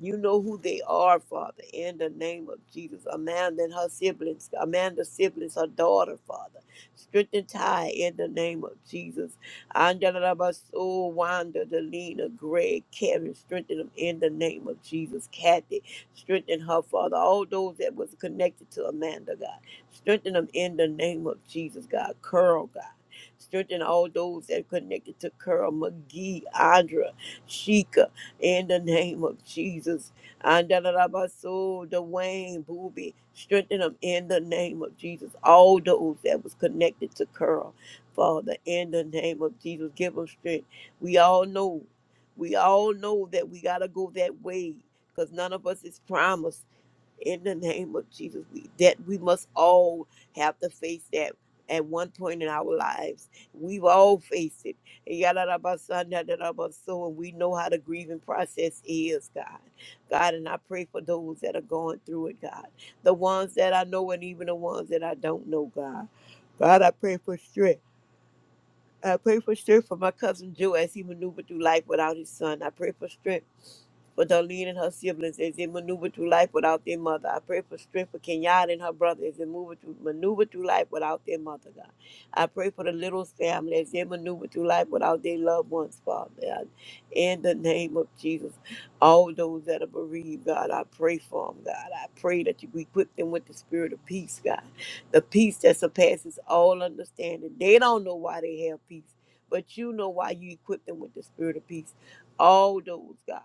Speaker 4: You know who they are, Father, in the name of Jesus. Amanda and her siblings, Amanda's siblings, her daughter, Father. Strengthen Ty in the name of Jesus. Angela Rabaso, Wanda, Delina, Greg, Kevin, strengthen them in the name of Jesus. Kathy, strengthen her, Father. All those that was connected to Amanda, God. Strengthen them in the name of Jesus, God. Curl, God. Strengthen all those that connected to Curl, McGee, Andra, Sheikah in the name of Jesus. Andalabaso, Dwayne, Booby, strengthen them in the name of Jesus. All those that was connected to Curl, Father, in the name of Jesus, give them strength. We all know, we all know that we gotta go that way, cause none of us is promised in the name of Jesus, we, that we must all have to face that at one point in our lives. We've all faced it. Yadadabasanadadabaso, And we know how the grieving process is, God. God, and I pray for those that are going through it, God. The ones that I know and even the ones that I don't know, God. God, I pray for strength. I pray for strength for my cousin Joe as he maneuvered through life without his son. I pray for strength for Darlene and her siblings as they maneuver through life without their mother. I pray for strength for Kenyatta and her brother as they maneuver through, maneuver through life without their mother, God. I pray for the little family as they maneuver through life without their loved ones, Father. God. In the name of Jesus, all those that are bereaved, God, I pray for them, God. I pray that you equip them with the spirit of peace, God the peace that surpasses all understanding. They don't know why they have peace, but you know why you equip them with the spirit of peace. All those, God.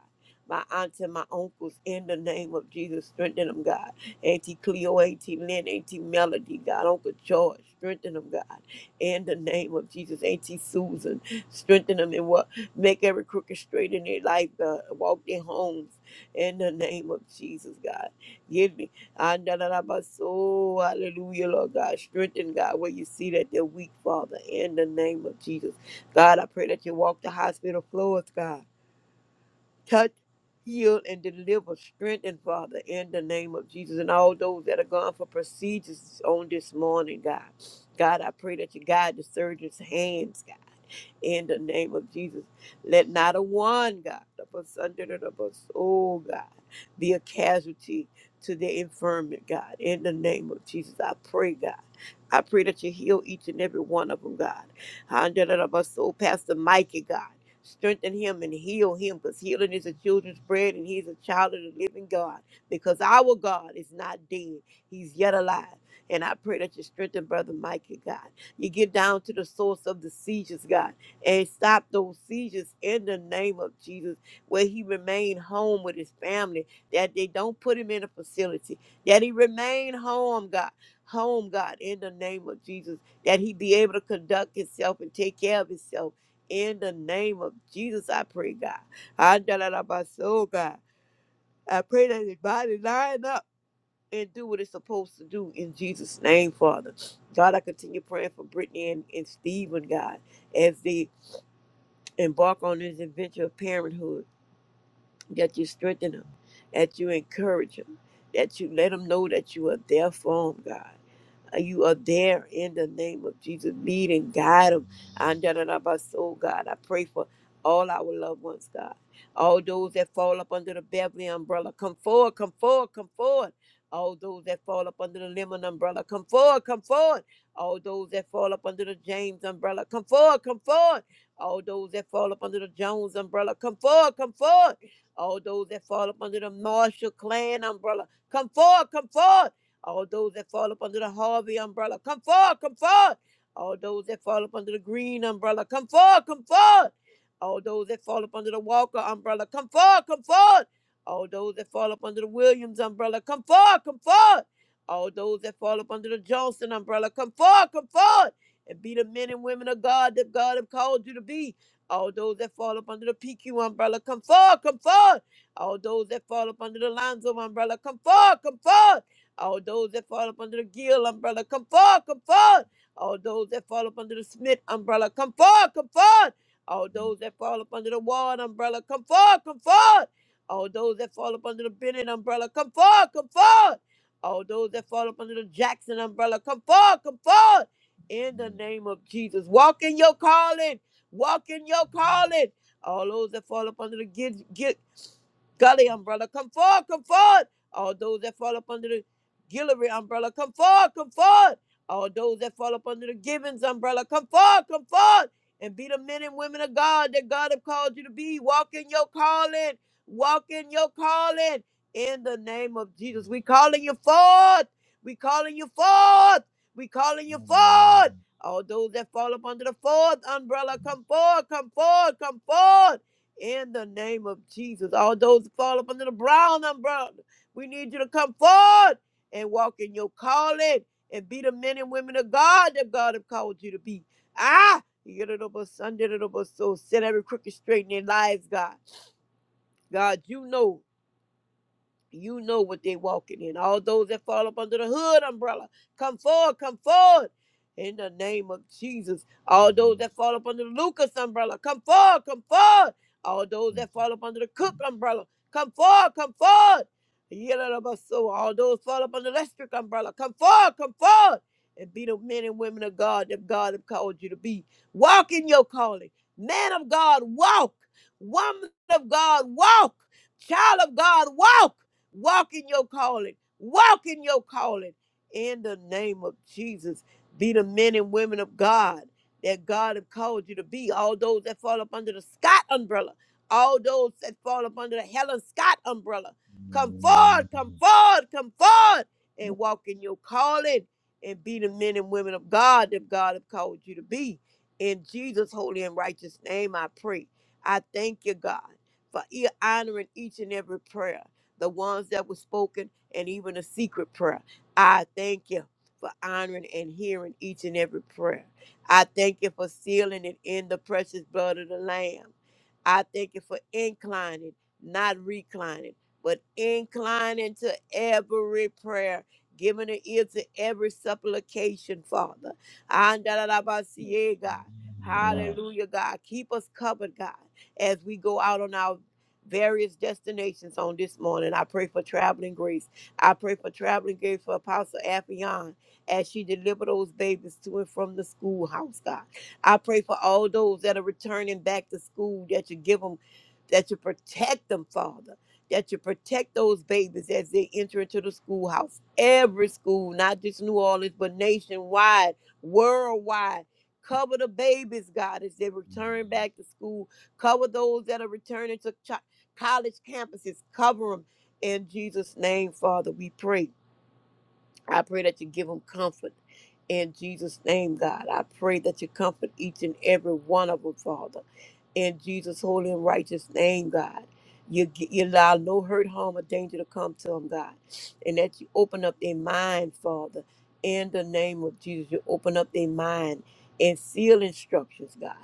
Speaker 4: My aunts and my uncles, in the name of Jesus, strengthen them, God. Auntie Cleo, Auntie Lynn, Auntie Melody, God. Uncle George, strengthen them, God. In the name of Jesus, Auntie Susan, strengthen them and what make every crooked straight in their life, God. Walk their homes in the name of Jesus, God Andalabaso, Hallelujah, Lord God. Strengthen God where you see that they're weak, Father, in the name of Jesus. God, I pray that you walk the hospital floors, God touch, heal, and deliver, strengthen, Father, in the name of Jesus, and all those that are gone for procedures on this morning, God. God, I pray that you guide the surgeon's hands, God, in the name of Jesus. Let not a one, God, of us under the of us, oh God, be a casualty to the infirmity, God, in the name of Jesus. I pray, God. I pray that you heal each and every one of them, God. Under the of us, oh Pastor Mikey, God. Strengthen him and heal him because healing is a children's bread and he's a child of the living God because our God is not dead. He's yet alive. And I pray that you strengthen Brother Micah, God. You get down to the source of the seizures, God, and stop those seizures in the name of Jesus, where he remain home with his family, that they don't put him in a facility, that he remain home, God home, God, in the name of Jesus, that he be able to conduct himself and take care of himself in the name of Jesus, I pray, God. I da- da- da- my soul, God. I pray that his body line up and do what it's supposed to do in Jesus' name, Father. God, I continue praying for Brittany and, and Stephen, God, as they embark on this adventure of parenthood, that you strengthen them, that you encourage them, that you let them know that you are there for them, God. Uh, You are there in the name of Jesus. Lead and guide them. Oh God, I pray for all our loved ones, God. All those that fall up under the Beverly umbrella, come forward, come forward, come forward. All those that fall up under the Lemon umbrella, come forward, come forward. All those that fall up under the James umbrella, come forward, come forward. All those that fall up under the Jones umbrella, come forward, come forward. All those that fall up under the Marshall Clan umbrella, come forward, come forward. All those that fall up under the Harvey umbrella, come forward, come forward. All those that fall up under the Green umbrella, come forward, come forward. All those that fall up under the Walker umbrella, come forward, come forward. All those that fall up under the Williams umbrella, come forward, come forward. All those that fall up under the Johnson umbrella, come forward, come forward. And be the men and women of God that God have called you to be. All those that fall up under the PQ umbrella, come forward, come forward. All those that fall up under the Lonzo umbrella, come forward, come forward. All those that fall up under the Gill umbrella, come forward, come forward. All those that fall up under the Smith umbrella, come forward, come forward. All those that fall up under the Ward umbrella, come forward, come forward. All those that fall up under the Bennett umbrella, come forward, come forward. All those that fall up under the Jackson umbrella, come forward, come forward. In the name of Jesus, walk in your calling, walk in your calling. All those that fall up under the Gill, Gully umbrella, come forward, come forward. All those that fall up under the Guillory umbrella, come forward, come forward. All those that fall up under the Gibbons umbrella, come forward, come forward. And be the men and women of God that God have called you to be. Walk in your calling. Walk in your calling. In the name of Jesus, we calling you forth. We calling you forth. We calling you forth. All those that fall up under the fourth umbrella, come forward, come forward, come forward in the name of Jesus. All those who fall up under the brown umbrella, we need you to come forward and walk in your calling and be the men and women of God that God have called you to be. Ah, you get it over, a Sunday, it over. So Set every crooked straight in their lives, God. God, you know you know what they walking in. All those that fall up under the hood umbrella, come forward, come forward. In the name of Jesus. All those that fall up under the Lucas umbrella, come forward, come forward. All those that fall up under the Cook umbrella, come forward, come forward. so all those fall up under the electric umbrella, come forward, come forward. And be the men and women of God that God have called you to be. Walk in your calling. Man of God, walk. Woman of God, walk. Child of God, walk. Walk in your calling. Walk in your calling. In the name of Jesus, be the men and women of God that God have called you to be. All those that fall up under the Scott umbrella, all those that fall up under the Helen Scott umbrella, come forward, come forward, come forward, and walk in your calling and be the men and women of God that God have called you to be. In Jesus' holy and righteous name, I pray. I thank you, God, for e- honoring each and every prayer the ones that were spoken, and even a secret prayer. I thank you for honoring and hearing each and every prayer. I thank you for sealing it in the precious blood of the Lamb. I thank you for inclining, not reclining, but inclining to every prayer, giving an ear to every supplication, Father. Andalabasiye, God. Hallelujah, God. Keep us covered, God, as we go out on our various destinations on this morning. I pray for traveling grace. I pray for traveling grace for Apostle Affion as she delivered those babies to and from the schoolhouse, God. I pray for all those that are returning back to school that you give them, that you protect them, Father. That you protect those babies as they enter into the schoolhouse. Every school, not just New Orleans, but nationwide, worldwide. Cover the babies, God, as they return back to school cover those that are returning to college campuses. Cover them in Jesus' name, Father, we pray. I pray that you give them comfort in Jesus' name, God. I pray that you comfort each and every one of them, Father, in Jesus' holy and righteous name, God. You, g- you allow no hurt, harm, or danger to come to them, God, and that you open up their mind, Father, in the name of Jesus. You open up their mind and seal instructions, God,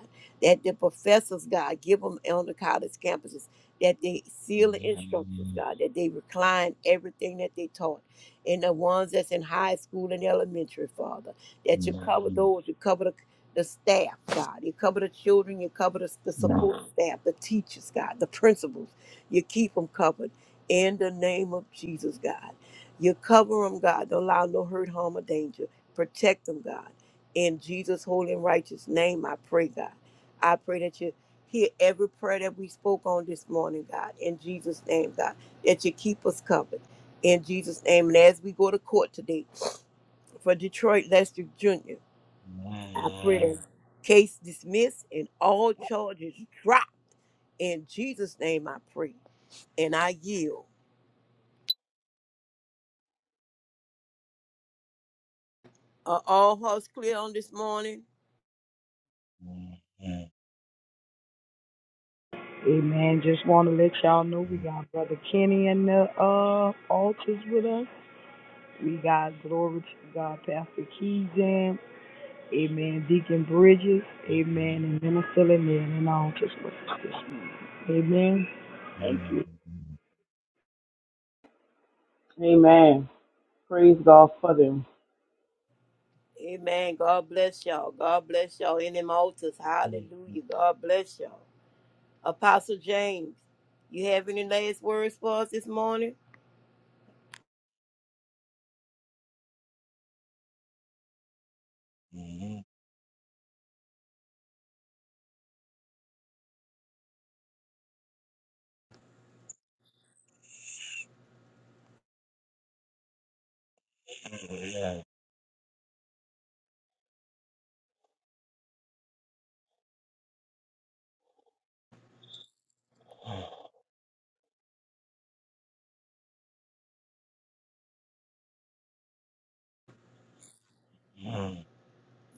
Speaker 4: that the professors, God, give them on the college campuses, that they seal the instructions, God, that they recline everything that they taught and the ones that's in high school and elementary, Father. That you cover those, you cover the, the staff, God. You cover the children, you cover the, the support staff, the teachers, God, the principals. You keep them covered in the name of Jesus, God. You cover them, God. Don't allow no hurt, harm, or danger. Protect them, God. In Jesus' holy and righteous name, I pray, God. I pray that you hear every prayer that we spoke on this morning, God. In Jesus' name, God, that you keep us covered in Jesus' name. And as we go to court today for Detroit Lester Jr., I pray that case dismissed and all charges dropped. In Jesus' name, I pray. And I yield. Are all hearts clear on this morning?
Speaker 2: Amen. Just want to let y'all know we got Brother Kenny in the uh, altars with us. We got glory to God, Pastor Keys Amen. Deacon Bridges. Amen. And Minister Lynn in the altars with us. Amen. Thank you.
Speaker 3: Amen. Praise God for them.
Speaker 4: Amen. God bless y'all. God bless y'all in them altars. Hallelujah. God bless y'all. Apostle James, you have any last words for us this morning?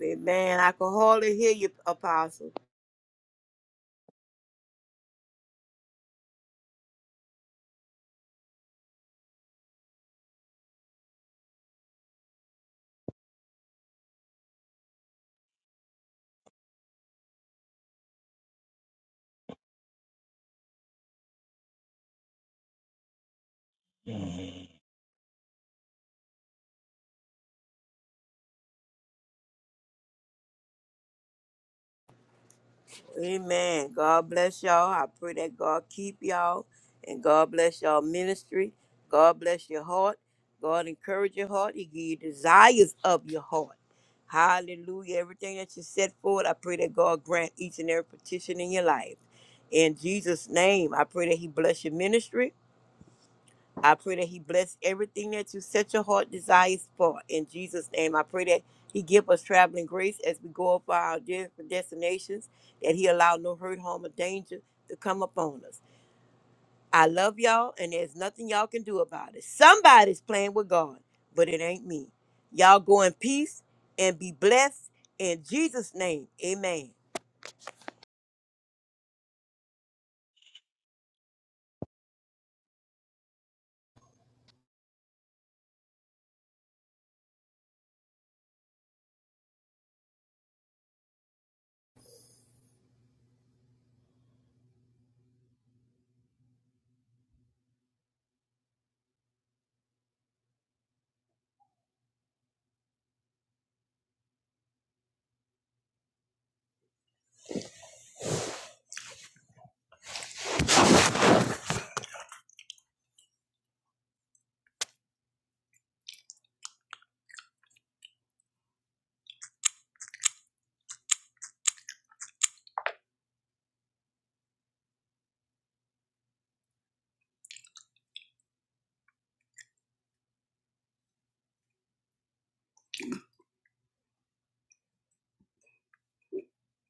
Speaker 4: Amen. I can hardly hear you, Apostle. Amen. God bless y'all. I pray that God keep y'all and God bless y'all ministry. God bless your heart. God encourage your heart. He give you desires of your heart. Hallelujah. Everything that you set forward, I pray that God grant each and every petition in your life. In Jesus' name, I pray that He bless your ministry. I pray that He bless everything that you set your heart desires for. In Jesus' name, I pray that He give us traveling grace as we go up our different destinations, that He allow no hurt, harm, or danger to come upon us. I love y'all, and there's nothing y'all can do about it. Somebody's playing with God, but it ain't me. Y'all go in peace and be blessed in Jesus' name. Amen.